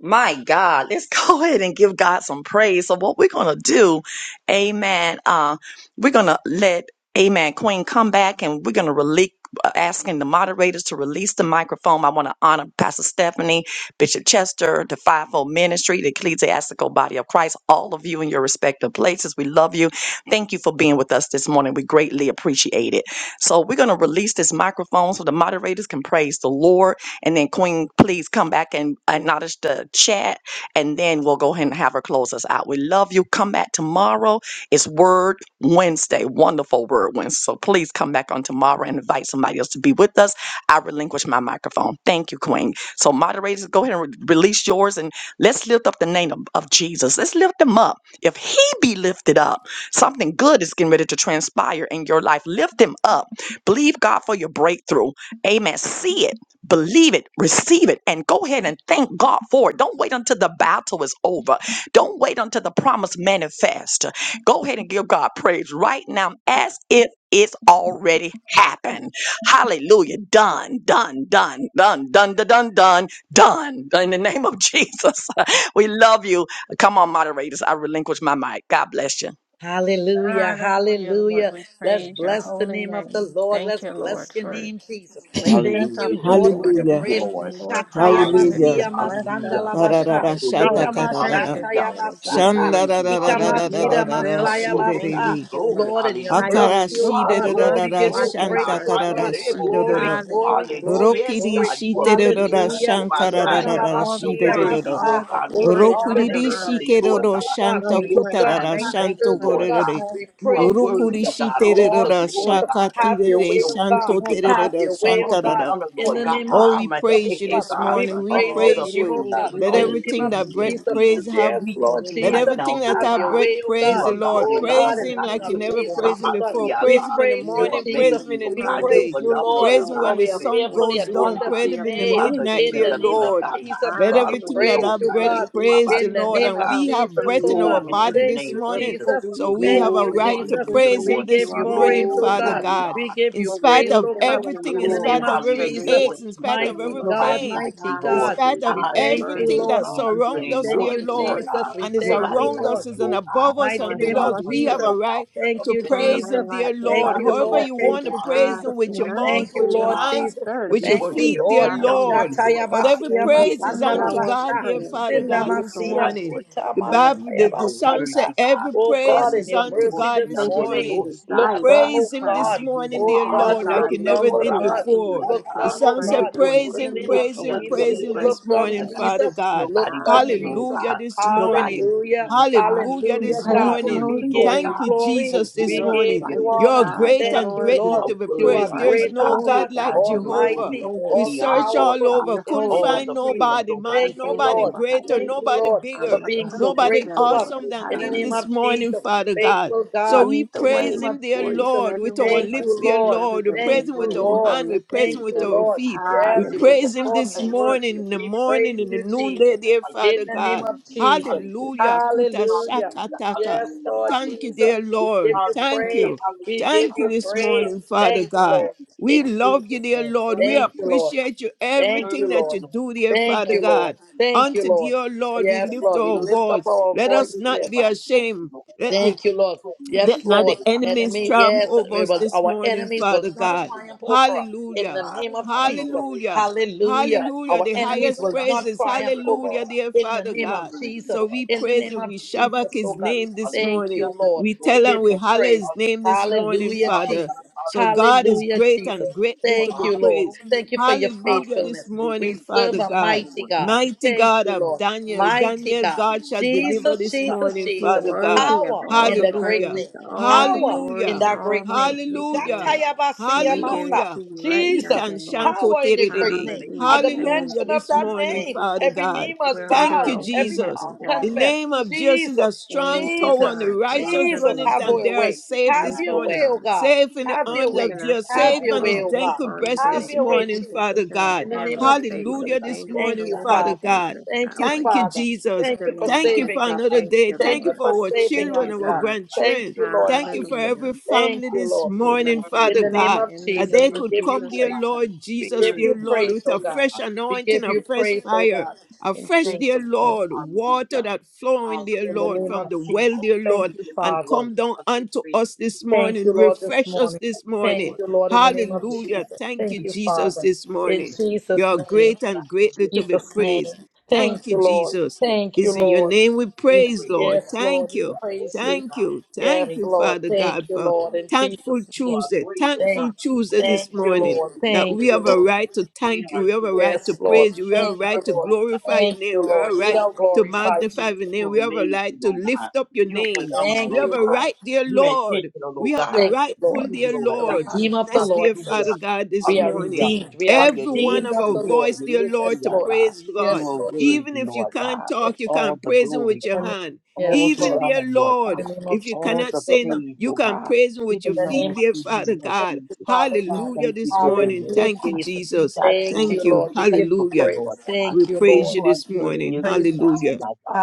My God, let's go ahead and give God some praise. So what we're gonna do, Amen. Uh, we're gonna let Amen Queen come back, and we're gonna release. Asking the moderators to release the microphone. I want to honor Pastor Stephanie, Bishop Chester, the Fivefold Ministry, the Ecclesiastical Body of Christ, all of you in your respective places. We love you. Thank you for being with us this morning. We greatly appreciate it. So, we're going to release this microphone so the moderators can praise the Lord and then Queen, please come back and acknowledge the chat, and then we'll go ahead and have her close us out. We love you. Come back tomorrow. It's Word Wednesday, wonderful Word Wednesday. So please come back on tomorrow and invite somebody else to be with us. I relinquish my microphone. Thank you, Queen. So moderators, go ahead and re- release yours, and let's lift up the name of, of Jesus. Let's lift him up. If he be lifted up, something good is getting ready to transpire in your life. Lift him up. Believe God for your breakthrough. Amen. See it Believe it, receive it, and go ahead and thank God for it. Don't wait until the battle is over. Don't wait until the promise manifests. Go ahead and give God praise right now as if it's already happened. Hallelujah. Done, done, done, done, done, done, done, done, done. In the name of Jesus, we love you. Come on, moderators. I relinquish my mic. God bless you.
Hallelujah,
Hallelujah, Lord.
hallelujah.
We
Let's
praise your
bless the
holy
name of the
name.
Lord.
Thank
Let's
you, Lord,
bless your
for
name, Jesus.
waking
Thank
us
you,
up
Hallelujah,
this
Lord,
Jesus.
for your
morning.
Thank
We
Hallelujah.
you,
grace.
thank you,
Lord.
Lord, for how you have
Hallelujah.
Hallelujah,
just
Shatayabasiya
blessed us
hallelujah.
with
masandalabasha.
God,
a
Kararara
you're
shata
worthy.
powerful
Ikama
prayer
kararara.
this
Hallelujah.
morning.
You're
God.
shatayabasata.
worthy.
Ikama
Lord, you
Hallelujah.
shida
are
Shandararararararara
God,
real, and
you're
we thank
worthy.
masayabasa.
you
shirerere.
Glory,
for
Lord, in your
how
hallelujah.
you
Akara
mercy, O
look
Ah,
God,
over us
we
glory,
and
shirererara
give you
watch
glory,
praise,
God.
shanta
over us,
O
I
dear
you
karara
God.
Lord.
able to
Glory,
say,
shirerere.
glory,
Hallelujah,
Hallelujah.
glory,
Lord.
Yes,
Rokiri
glory.
God, you are
Thank you,
amazing.
shitererera
God.
Hallelujah.
Woo,
You're
my
worthy of
fire.
shankarararara
all the
You're
Shandalabasia
praise,
worthy,
shirerere.
Lord
Masa.
all the
God. We
Oh
glory,
bless
and
God,
your
all
in
Rokuri
the
the
name
name of
honor,
today,
dear
Lord
Lord.
Jesus,
shikeroro
God.
oh God,
We
shanta
Lord, we
lift
put
look
you
down
our
high and
kutarara
we
faith
upon the
and
thank
we
shanto
you,
earth,
put
oh
our
Lord
God.
gorere.
God.
trust
We
You are
pray,
Rokuri
in
worthy,
Jesus,
you,
God. All
Lord
the
shiterera
Lord,
glory,
Jesus,
we
God.
thank
have
you
your
Yes,
for
shakatirere
way,
you're
oh
God.
God.
worthy,
shanto
Because
God
Have
tererera
your way, oh
all the
God.
shantarara.
honor,
In
Lord
that
the
God.
name of
Oh,
Ah,
we
my
Jesus,
praise
hey,
you
oh
is
hey,
God,
this
God.
above
we
morning.
us,
We
and
praise
All
Lord,
your
the
praise
name,
you.
oh
anything
praise
that
God.
we
Let
In the
belongs
need,
name
to
everything
of
you,
that
and
breath
King
yes,
Jesus,
Jesus.
Lord,
praise have
yes,
We thank
Lord
you're
you
let
doing
right
Jesus.
it for
everything
now,
that
Have
Lord
I
your
God.
supply.
breath
way, oh
We
You
praise
God.
the
are
thank you
God
Lord.
for
Oh
and
your
God
God,
Praise
in
alone.
the
Him
I
name
like
of
you
still
faithfulness.
never
walk
We
Jesus,
on my
thank
praised Him
oh
my
you
God,
before.
feet,
for
ah,
we
Praise Him
God.
in the
praise you,
You are
your
morning. Praise
Jesus.
Him in
amazing,
um,
the
oh
We
God.
kindness
You're
praise
noonday.
that
you,
you
phenomenal,
Lord,
oh
Praise Him
show
for
God.
when the
we are
You're
sun
towards
fearfully
us.
intentional,
goes
and
We
oh
thank
down.
you
God.
for
Praise
wonderfully
Him
your
in the
You
made.
are the
midnight,
provision,
true
In
and
the
dear
the
dear
name
Lord.
of
living
Lord.
God, my
Jesus,
Let
God,
we
everything
Holy
Hallelujah.
that
praise
Lord,
I
Ghost.
we
you,
I
know
breath
hear,
God.
oh,
everything
my,
that we
praise
my
the
In the
feet,
can
Lord.
ah,
name
And
of
God.
we
come
have
from
Jesus,
breath
you,
oh
in
dear
our
God.
Glory to
Lord.
body
your
Thank
this
you,
name,
Lord,
morning.
Jesus.
before
Jesus.
we
So
even
we
Thank
ask
have a
you,
for
Glory,
what
right
we
to
Jesus.
think
hallelujah,
we
praise
need,
We
Lord.
Him
you
this
give you
already
morning,
know
praise, oh
Glory,
what
Father
we
God.
mighty
need.
God.
God.
We give
In
you
But we
spite
praise,
need
of
oh
that gonna
God.
everything,
water
In
in
the
Glory,
name
spite
religion
of
of every
hallelujah,
Jesus,
Lord
aches,
provision,
in spite
Jesus.
of
mighty
every
Lord.
God,
Nobody
pain,
like
mighty
you,
in
Lord.
God.
spite of
We
Hallelujah.
Ah,
You're
they
thank you,
say
everything
they
worthy of
that
Lord.
see
all the
hundred
surrounds
and
praise,
us,
Thank
Lord,
all
dear
you,
the
see our
Lord
glory, and
Jesus.
God.
We
all
and
the
is
thank
honor,
Nobody
you,
around
dear
like
us,
Lord
is
Lord.
you,
and
oh
the
God.
above us
mighty
and
Lord,
You
name
help
are
below
of
us.
us
We
to
have
Jesus.
a
wonderful,
right
counselor,
Thank
to
you,
prince of
shine
praise
our
peace,
Jesus.
him,
light
dear
like
so
the
that
Thank
Lord.
God
you,
others
However,
may
Lord.
everlasting.
you
see
want
Thank
to
the
you,
praise
God
Jesus.
him with your
in us
mouth,
Thank you,
with your
and
Lord
want to
hands,
Jesus.
serve
And
with
we
you,
your
Thank
Lord.
you,
feet,
worship you.
dear
Lord.
We honor
Lord.
you,
Hallelujah.
Lord
Shataya
But
God.
every
basia
Thank you
We
praise
for the
is
masanda
adore
la
unto
you,
power of
basha.
God,
King
dear
prayer.
Jesus.
Father
And we
Sinda
Thank
God,
lift
you
this
you,
for what?
masia
our
morning.
Lord
shita
The
Jesus.
the
Bible,
masaya
the,
You
the
are
song said,
basata.
worthy, God.
every
Oh
praise
God, in
is
your
Hallelujah.
unto
Lord,
mercy
God
this
see,
this
and
Thank you
then
for
morning,
the
you
morning.
see,
look
ah,
desire
God.
down,
to
Praise
oh
him
pray
this
God.
Hallelujah.
morning,
and
Oh
dear
to
Ah,
know,
God,
my
Lord,
God,
like
look
you
that
Savior,
down,
never
you
for
oh
did
Rabbi,
hear
God,
and
see,
you
before.
ah,
look
answer
The
God.
down,
our
oh
song
Me,
prayer,
said,
God,
dear
for me,
Praise
in
Lord.
me,
the
him,
name
me,
of
praise
But
see,
him,
we're
and
just
then
Jesus,
so
praise him
me,
this
look
grateful,
see,
down,
morning,
ah,
dear
God.
Lord.
Father
Jesus,
God.
look
Nobody but
down,
you,
Hallelujah.
oh
Jesus.
Hallelujah
God.
this
Nobody
morning.
but you,
Hallelujah,
oh God.
Hallelujah
We
hallelujah,
You
this
are
praise
God.
your
morning.
We
worthy,
holy
Lord
give you
Thank
name.
you,
God.
glory,
Oh,
Jesus, this
You
glory
we
are a
to
give
morning.
your
you
righteous
name,
You're
honor.
God,
Jesus.
great
dear
Thank
and
you,
Lord.
You
greatly
Lord.
are
to be
You
You
are
praised.
worthy,
are
Lord
There's
a
great,
God
no
oh
holy
God
God,
God,
like
all
dear
the
Lord. We
Jehovah.
glory,
almighty,
thank
all
you
We
all
the honor,
for
searched
Lord
all
powerful,
God,
over,
your
in the
couldn't
name
all
of
holiness,
find
the
dear
Jesus.
praise,
Lord.
nobody,
oh
man,
We
God,
Thank
that
you,
thank you
nobody
Lord.
belongs
for
to
how
you,
greater,
you
Thank
King
you,
nobody
Jesus.
Lord,
um,
for
bigger,
are
being
And we
so
thank
perfect,
nobody
great
you,
to
dear
thank
us.
you,
Lord.
awesome
Lord
than
How
In
God,
the
him
name
you
this
of
morning,
Jesus,
um,
Father God.
faithful
So
God.
we
lead the
In the
way
praise
name of
him, dear
for each
Jesus,
and
Lord,
every
with
one
our
of
thank
us
lips,
you,
each
dear
and
Lord.
every
Lord. We
day, dear
Thank
praise him
you,
Lord,
with
and
our
you
Lord.
don't
hand. We
miss a
praise him
Thank
beat,
with
you,
our
devil.
Lord.
feet. We
Yes, you
word,
will
Hallelujah.
praise him
God,
perform
this
your
Thank you,
word.
morning,
your
Jesus.
in the
We
spirit,
morning,
praise
in
Lord.
the
you,
noonday,
Jesus.
dear
In
Father
the
hallelujah,
name
God.
of
hallelujah,
Thank
Jesus.
hallelujah,
you,
Hallelujah.
God.
Kuta
Hallelujah.
hallelujah, hallelujah,
shakataka.
Yes,
hallelujah,
Lord
Thank you,
Jesus.
hallelujah,
dear
We give
Lord.
you
Thank
hallelujah,
praise.
you.
We give
hallelujah,
Thank you
you
this
praise.
morning, Father
Thank you,
God.
Lord.
We
In
love you,
Jesus'
dear
name.
Lord. We
word,
Thank you, Lord.
appreciate you,
Thank
everything
you,
word,
that you
Lord.
Lord,
do, dear
Thank
Father
you,
thank
Lord.
God.
you,
Thank
Lord.
you,
Unto
Lord.
dear Lord,
thank
we
you,
Yes,
thank
lift
Lord.
you,
We
our
Lord.
lift up
voice.
our
Let
There
us
voice
is
here.
not be
nobody like you,
ashamed.
Lord
Let
God,
the
Thank you, Lord.
so
let
Yes,
not
amazing,
Lord.
the
Lord God, so
enemies
Enemy,
triumph
yes,
over
we
us
will-
this
our
morning,
enemies will
Father
not
God.
wonderful, God,
triumph over us.
Lord
In the
Hallelujah.
God,
name
and
of
not
Jesus.
alone, oh God.
Hallelujah.
We
Hallelujah.
thank you
Hallelujah.
Our
The
for this,
enemies
oh
highest
will
God.
not
praises.
for Your
triumph
word,
over
Hallelujah,
us.
God.
dear
In the
Father
Your
name of
God.
word,
Jesus.
So we
Lord
In
God.
the
praise
name
you. We
of
We thank
shabak
Jesus,
you
oh
his
God.
today.
name this
Thank
morning.
you,
Hallelujah.
Lord.
We
Lord,
We
tell
we
and
give
we
you
thank
holler
you.
praise.
his name this
Hallelujah.
morning,
Hallelujah,
Oh
Father.
Jesus.
God,
So God
hallelujah.
is
Hallelujah,
great
Jesus.
and
Thank you
greatly
for
to
the
Thank
be
you, Lord.
hospital.
praised.
Thank you for your
Hallelujah this
faithfulness.
Hallelujah.
morning,
We
We
serve
Father
a
thank you,
God.
mighty
Lord.
God.
Mighty
Thank
God
you,
of
Lord.
Daniel.
Mighty
Daniel,
God.
God shall
Lord.
deliver
Jesus,
this
Hallelujah.
Jesus,
morning,
You're
Jesus.
Oh
Father
God,
God.
you're
worthy of
Power
doing
all
this,
in
the
the
Lord.
great
Hallelujah.
praise,
name.
all the
Power
Bring us
glory,
in
to
Hallelujah.
and
that
all
great
the honor,
name.
these things,
dear
oh
Hallelujah.
Lord.
God.
And we
Oh,
give it
Shatayabasiyamasa.
to
Hallelujah.
you right
today,
now,
Jesus,
Lord.
Kitan
dear Lord.
shanko
power in your great
You're
tererere.
name. At
Hallelujah.
amazing,
the
Lord.
Thank
mention
Hallelujah
you,
of
You're
this
that
Jesus.
morning,
phenomenal,
name,
oh
Father
God.
every
God.
knee
You're a
must
We're
Thank
under
bow,
you,
an open
every
God,
Jesus.
heaven,
tongue
you
dear
The
confess.
Lord.
are
name
a
of Jesus is
Jesus,
a strong
Thank you,
tower
Jesus,
and the
God, for your
righteous
Jesus,
run it
have
and
provision.
they
your
are
way.
safe
Have
Thank
this
your
you,
morning.
way,
God.
oh God.
Safe in the
Have
for
your
arms
way.
of
keeping us
Jesus.
safe
Have
Safe
your
on
from
the
way,
all
oh
hope,
God.
gentle
harm, and
breast
Have
this
danger.
your way,
Thank you
morning,
for
Jesus.
Father
keeping our
God.
In the name
family
of
safe
Jesus.
from the
Hallelujah this
dangerous
Thank
morning,
you,
road and
Father
Father.
the
God.
dangerous
Thank you,
highway.
Thank you,
Father.
Jesus.
Thank you
Dear
for
Lord, we
Thank you
just
for
saving
say
us.
another
thank
day.
you,
Thank
Thank you
you
Lord.
for
for
our
Thank
saving
children,
us,
you,
our
God.
God.
grandchildren.
Thank you, Lord
Thank you for
Jesus.
Hallelujah.
every
Thank
family
you,
this
Lord.
We
morning,
love you.
In
Father
the name
God.
of
In the
That
Jesus,
they
name
we
of
could
give you
come,
Jesus,
dear
we
praise.
pray.
Lord
We
Jesus,
give
dear
you
Lord,
praise,
with a
oh God.
fresh
We
anointing,
give
a
you
fresh
praise, oh
fire,
God.
a
In
fresh, dear
Jesus' name.
Lord, water that flowing, dear
In the
Lord,
name
from
of
the well,
Jesus.
dear
Thank
Lord,
you,
and
Father.
come down unto us this
Thank
morning.
you, Lord, this
Refresh us
morning.
this
Thank
morning.
you, Lord, in the name of
You are
Hallelujah.
Jesus.
Thank
Thank
you,
great,
you,
Jesus,
Father.
this
In
morning. You
Jesus'
are
name.
great and
In
greatly to be
Jesus' name.
praised. Thank
Thank
you,
you, Lord.
oh God,
Jesus.
Thank you,
It's in
and
your
great
Lord.
name we
Ye-
praise,
praise.
Lord.
Yes,
Thank
Lord. We
You
you.
are great,
praise
oh
you.
Thank
God,
you.
Yes,
Thank
and
you,
Lord.
Father
Thank
God,
you,
for
great.
Lord. In
Thankful
Jesus'
You
name.
are
Tuesday.
great, oh
Thank,
Thankful
God,
Tuesday
and
this
thank you,
great.
morning.
Lord.
That we
Thank you,
have a
Lord.
right to
Great
thank you.
are
We have
you,
a
oh God.
right to
Yes, Lord.
praise you. We have a
Thank
Great are
right
you,
to
you,
Lord.
oh God.
glorify your
Thank you,
name. We have
Lord.
a
Great
Be
right
are
thou
you,
to
oh God.
glorified,
magnify
Jesus.
your name.
You're
We have a
amazing,
right to
oh God.
lift up your
You're
name.
phenomenal,
We
Thank
oh
have
you,
a
God.
Lord.
right, dear
You're
Lord.
intentional, oh
We have the
God.
Thank you,
You
rightful,
Lord.
need to
dear
know
The
that
Lord.
God.
Redeemer of the
Bless,
Lord
dear Father
says,
Hallelujah.
so.
God, this
We are
Hallelujah.
morning.
redeemed. We are
Oh, yeah,
Every one
redeemed
of
of
our
the Lord.
voice, dear Lord,
Yes,
to
yeah,
Lord.
God.
praise
You
God.
Yes,
are
Lord Jesus.
worthy,
Even if you
Lord
can't
God.
In
talk, you
All
can
the
praise Him with
glory,
your
the
God.
name-
hand.
All
Yes,
the
Even
Lord.
honor,
dear
Lord God.
Lord,
In the name of
if you
All
cannot
the
say
Jesus.
no,
praise,
you
Lord
can
God.
praise Him
It
with
In
your
the
feet,
name
belongs
of
dear
to
Jesus,
Father
you, Lord
thank
God.
you,
Jesus.
Father
We
God.
Hallelujah
thank you
this
today,
morning.
Lord
Hallelujah,
Thank you,
God.
Jesus.
We
Jesus.
got so
Thank
much
Thank
you,
to
you.
Lord.
be
We give
thankful
you
for,
Hallelujah.
praise.
Lord God.
We
Thank you,
For
praise
Lord.
you
you are
this
good and
morning.
you're good,
Praise you,
oh
Jesus.
Hallelujah.
my God.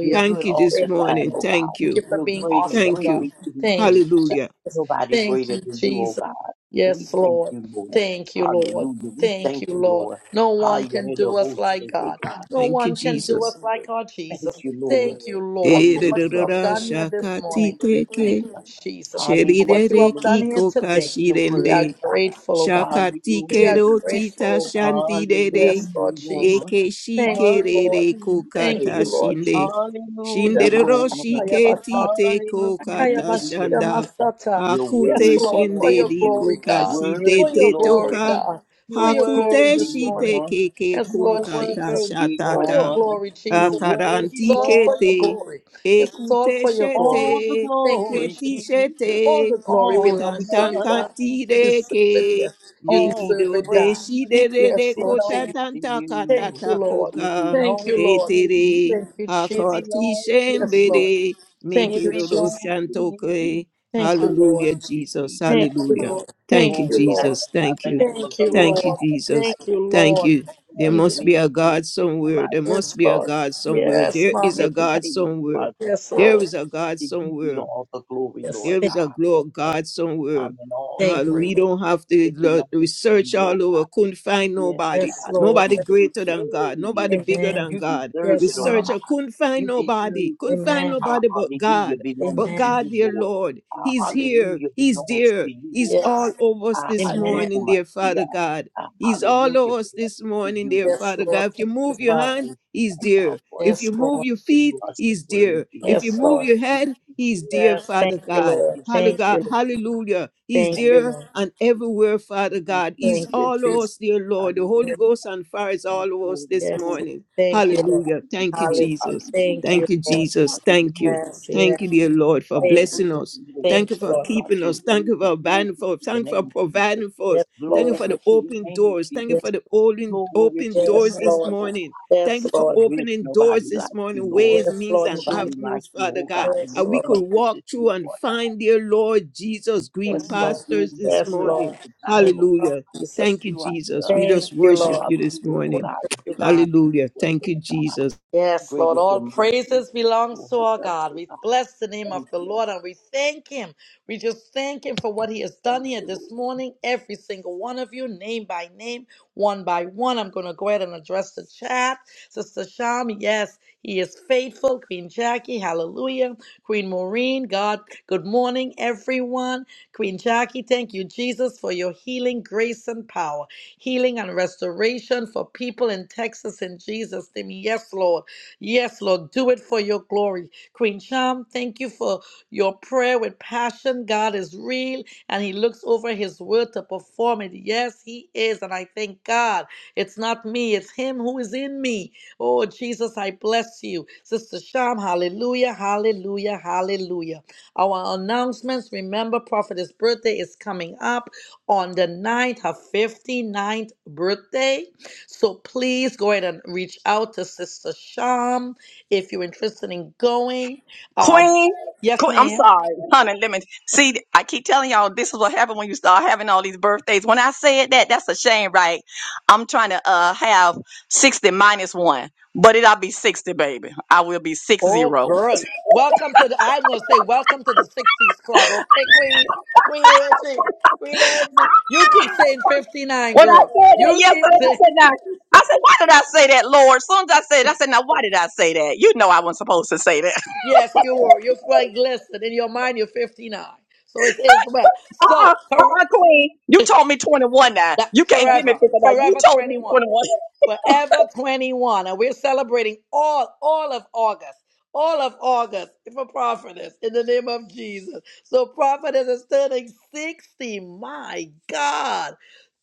You're good
Thank you
all
this
the
Thank you,
time,
morning.
oh
Lord.
God.
Thank
Thank you
you.
for
You're
being
great and
awesome,
Thank
God.
you.
greatly to be
Thank
praised.
you,
Hallelujah.
Jesus.
Nobody
Thank
greater
you,
than you,
Jesus.
oh God. We
Yes,
thank
Lord.
you, Lord.
Thank you, Lord.
Hallelujah. We
Thank
thank
you,
you,
Lord.
Lord.
No one can do us
Hallelujah,
like God.
God.
No
Thank you,
one can do
Jesus.
us like our
Thank
Jesus.
you, Lord.
Thank you, Lord, for what you
Hallelujah.
have
Ererorora
done here this
shakati
morning.
Thank you,
Thank
teke,
you,
Jesus.
Jesus, for
Hallelujah,
what you
sherirere
have
Lord.
done here
kiko
Bless
today.
your
We
word,
are
kashirende.
God.
grateful, oh God.
Shakati
Hallelujah,
We
Lord.
are
kero kerotita
grateful, oh God.
shandidere.
Yes,
Hallelujah,
Lord Jesus.
Lord.
Eke
Thank you, Lord.
shikerere
Hallelujah.
Thank you,
kokata
Hey.
Lord
shinde.
Jesus.
Hallelujah,
Shinderero
Lord.
shiketi te
Hallelujah,
kokata
Kayabashira
shanda.
Jesus.
Masata.
You're
Yes,
Hakute
worthy,
Lord, for
shende
Lord.
your
di
You're
glory, God. For
kokashide
worthy,
your
te
Lord.
glory,
toka.
God. For
You're
your glory
Hakute
worthy,
this morning.
shite
Lord.
keke
Yes, Lord
You're
kunkata
Jesus.
worthy,
For your
shatata.
Lord.
glory,
You're
Jesus. This
worthy,
is
Akaranti
all for your
Lord.
kete.
glory. This is all
Ekute
for your glory.
All the
shete.
Thank you,
glory,
Keti
Jesus.
Jesus.
shete.
All the glory
All the
belongs to you,
honor.
God. You deserve it,
Kotantankatireke,
yes. You
All
deserve
the
it, God.
praise.
Mekidodeshidere
Yes, Lord Jesus.
belongs to
Thank
you.
you, Lord.
It
kotatantakatatakoka,
Thank
belongs
you,
to
Lord.
you.
Etere,
Thank you,
It
Jesus.
belongs to
Yes,
you.
Lord.
Hakatishembere,
Thank
It
you, Jesus.
belongs to you.
Mekerodoshantoke.
Thank you,
Hallelujah,
Lord.
Hallelujah, Jesus.
Thank
Jesus.
you,
Hallelujah.
Lord.
Thank
Thank
For
you,
you,
we
Lord.
Jesus.
sanctify
Thank
the
you.
name of
Thank
the
you,
Lord
Thank you,
Lord.
God
Jesus.
Thank
Almighty.
you,
Thank
Lord.
you. There
Lord,
We
must be a
Anything
God
to come
somewhere.
out
There must
yes,
be a
of
Lord.
God somewhere.
Yes,
There is
me,
mommy.
a
Yes,
God
everything you
somewhere.
are, Lord
yes,
God,
There
Lord.
is a God
to you be
somewhere.
all the glory,
Yes,
Lord
There
thank
is a
God.
you,
glory
Lord.
of
All
God
the
somewhere.
honor and all the
Thank you.
Hallelujah.
praise.
We don't have to
It
lo-
belongs to you,
research
Lord
all
God.
over. Couldn't find
Yes,
nobody.
Yes,
God,
Lord.
Nobody
you deserve
greater
it.
than God. Nobody
Yay.
Yes,
bigger
amen.
than
You
God.
deserve it,
Yes,
oh God.
mom.
Researcher couldn't find
You
nobody.
deserve
Couldn't
it.
find
Amen.
Our
nobody but
hallelujah
God.
belongs
But
to
Amen.
God,
you,
dear
Lord.
Lord,
Our
He's here.
hallelujah
He's
belongs
there.
to you,
He's
O God.
all
Yes.
over us
Our
this
Amen.
morning, dear Father
hallelujah
God.
our
He's all
hallelujah
over us this
belongs to
morning,
you,
dear
Lord.
Yes,
Father
Lord.
God. If you
Thank you,
move your
We
Father.
hand,
thank you
He's
right
there.
now, Lord.
If
Yes,
you move
Lord.
your
for
feet,
You are so
He's there.
worthy,
If you
Yes,
Lord.
move
Lord.
your
You
head,
are
He's
worthy,
there,
Yes.
God.
Father
Thank you,
God.
You
Lord.
Hallo-
Thank
are
God-
you.
worthy.
Lord.
Hallelujah. He's
Thank
Thank
you,
there
Lord.
and
you.
everywhere, Father
Thank
God.
you,
He's
Thank you,
Jesus.
all over us,
Jesus.
dear Lord. The Holy
Hallelujah.
Ghost and fire is
Oh,
all over us
glory,
this
Yes.
glory,
Lord.
morning.
Thank you,
God.
Lord.
Hallelujah. Thank
Hallelujah.
you,
Hey,
Hallelujah.
Jesus.
Hallelujah.
Thank you,
Thank you,
Lord.
Jesus. Thank you.
Hallelujah,
Yes,
Thank you,
yes.
Jesus.
dear Lord, for
God. We
Thank you,
blessing
need
Lord.
us.
you, Lord.
Thank
Thank
you
you,
for
Lord.
God,
keeping
your
us.
word
Thank you for
be glory
abiding for
to
us.
your
Thank you for
name, Jesus.
providing for us.
Yes,
Thank you
Lord.
for the
Glory to your
open
name,
doors. Thank
Jesus.
you for
Yes,
the open,
Glory
open
to your
doors
yes,
name,
this
Lord.
Lord.
morning. Thank
Yes,
you for
Lord.
There is
opening doors
nobody
this
like you,
morning,
Lord.
ways,
Yes,
means,
Lord
and
Jesus.
Nobody like
avenues,
you,
Father
oh
God.
God. And we
Yes,
And we
Lord.
could
thank you
walk
this
through
you,
and
Lord.
find, dear Lord Jesus,
For
green
Yes,
you are
Lord.
good
pastors
and you're
this
Yes,
good all
Lord.
morning.
the
In the name
time, oh God.
of
Hallelujah.
Jesus.
Thank you,
You are,
Jesus. We just
Thank you,
you
worship
Lord.
are
you this
good,
We
oh
morning.
God.
worship
And
you,
we
God.
thank you
Hallelujah.
for it,
Thank
Lord
you,
God.
Jesus.
Yes,
Great
Lord,
is your
all
mercy,
praises belongs
Lord.
to our
Us,
God.
oh
We
God.
bless the name of
Thank
the
you.
Lord and we thank him. We just thank him for what he has
Thank
done here
you, Lord.
this morning. Every single one of you, name by name, one by one. I'm going to go ahead and address the chat. Sister Sham, yes, he is faithful. Queen Jackie, hallelujah. Queen Maureen, God, good morning, everyone. Queen Jackie, thank you, Jesus, for your healing grace and power healing and restoration for people in Texas in Jesus' name. Yes, Lord. Yes, Lord. Do it for your glory. Queen Sham, thank you for your prayer with passion. God is real and He looks over His word to perform it. Yes, He is. And I thank God it's not me, it's Him who is in me. Oh, Jesus, I bless you. Sister Sham, hallelujah, hallelujah, hallelujah. Our announcements remember, Prophet's birthday is coming up on the ninth, her fifty-ninth birthday. So please go ahead and reach out to Sister Sham if you're interested in going. Um,
Queen,
yes,
Queen, I'm
ma'am.
sorry, honey. Let me see. I keep telling y'all this is what happened when you start having all these birthdays. When I said that, that's a shame, right? I'm trying to uh have sixty minus one, but it'll be sixty, baby. I will be six
Oh,
zero.
girl. Welcome to the, I'm going to say, welcome to the 60s club. Okay, Queen? Queen Angie. Queen Angie. You keep saying 59,
When I
girl.
said that
You keep
yesterday,
saying,
I said now. I said, why did I say that, Lord? As soon as I said, it, I said, now why did I say that? You know I wasn't supposed to say that.
yes, you were. You're like, listen, in your mind, you're 59. So it's, it's well.
Uh-uh,
So, her,
uh-uh, uh, Queen. You told me 21 now.
that
You can't give me
forever,
50 now. You
forever
told me
21.
21.
Forever 21. And we're celebrating all, all of August. All of August for prophetess in the name of Jesus. So prophetess is turning 60. My God.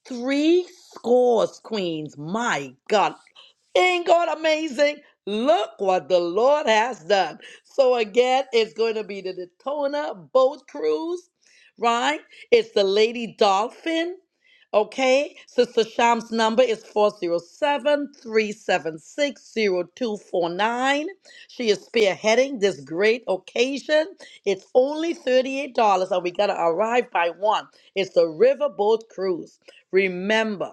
Three scores, queens. My God. Ain't God amazing? Look what the Lord has done. So again, it's going to be the Daytona boat cruise, right? It's the Lady Dolphin. Okay, Sister Sham's number is four zero seven three seven six zero two four nine. She is spearheading this great occasion. It's only $38 and we got to arrive by one. It's the Riverboat Cruise. Remember,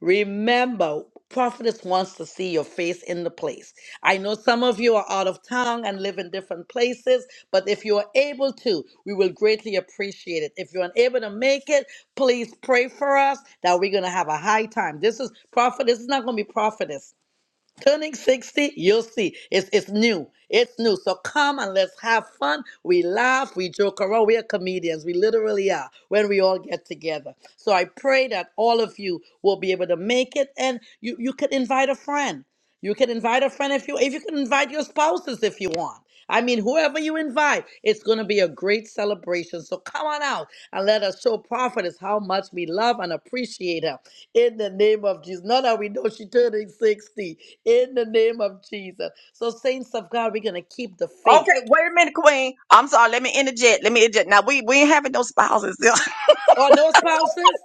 Remember, prophetess wants to see your face in the place. I know some of you are out of town and live in different places, but if you are able to, we will greatly appreciate it. If you're unable to make it, please pray for us that we're going to have a high time. This is prophet. This is not going to be prophetess. Turning 60, you'll see. It's, it's new. It's new. So come and let's have fun. We laugh, we joke around. We are comedians. We literally are when we all get together. So I pray that all of you will be able to make it and you, you can invite a friend. You can invite a friend if you if you can invite your spouses if you want. I mean, whoever you invite, it's going to be a great celebration. So come on out and let us show Prophetess how much we love and appreciate her in the name of Jesus. Not that we know she's turning 60 in the name of Jesus. So, saints of God, we're going to keep the faith.
Okay, wait a minute, Queen. I'm sorry. Let me interject. Let me interject. Now we we ain't having no spouses,
Oh, no spouses?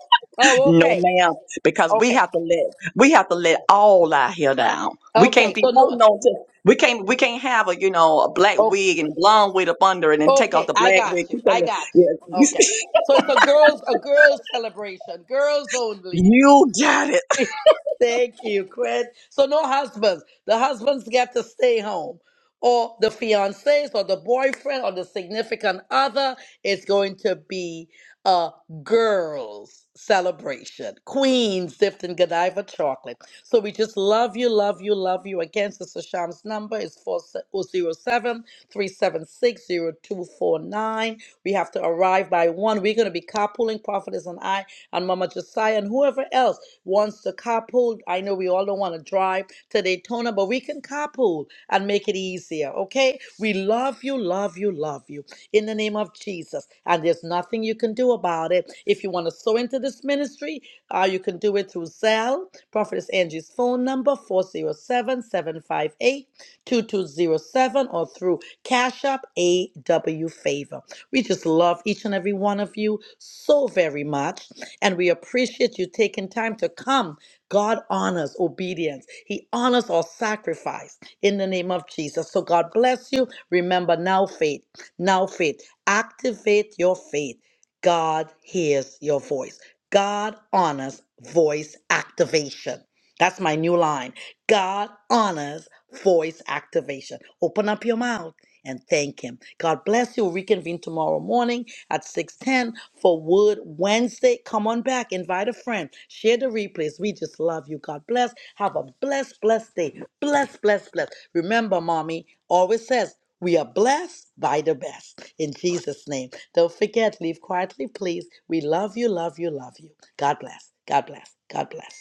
Oh,
no
okay.
ma'am, because we
Okay.
have to let we have to let all our hair down. We can't
Okay.
be
So, no.
holding on to. We can't we can't have a you know a black
Oh,
wig and blonde wig up under it and take off
okay.
the
I
black
got
wig.
you.
Keep on
I
the,
got you.
yeah, you,
Okay. So, it's a girls, a girls celebration, girls only.
you got it.
Thank you, Chris. So no husbands. The husbands get to stay home. Or the fiancés or the boyfriend or the significant other. It's going to be a girls celebration. Queens dipped in Godiva chocolate. So we just love you, love you, love you. Again, Sister Sham's number is four zero seven three seven six zero two four nine. We have to arrive by one. We're going to be carpooling, Prophetess and I, and Mama Josiah, and whoever else wants to carpool, I know we all don't want to drive to Daytona, but we can carpool and make it easier, okay? We love you, love you, love you in the name of Jesus. And there's nothing you can do about it. If you want to sow into this ministry, uh, you can do it through Zelle, Prophetess Angie's phone number, 407 758 2207, or through Cash App AW Favor. We just love each and every one of you so very much. And we appreciate you taking time to come. God honors obedience, He honors our sacrifice in the name of Jesus. So God bless you. Remember now faith, now faith. Activate your faith. God hears your voice. God honors voice activation. That's my new line. God honors voice activation. Open up your mouth and thank Him. God bless you. We'll reconvene tomorrow morning at 6:10 for Wood Wednesday. Come on back. Invite a friend. Share the replays. We just love you. God bless. Have a blessed, blessed day. Bless, bless, bless. Remember, mommy always says. We are blessed by the best. In Jesus' name. Don't forget, leave quietly, please. We love you, love you, love you. God bless. God bless. God bless.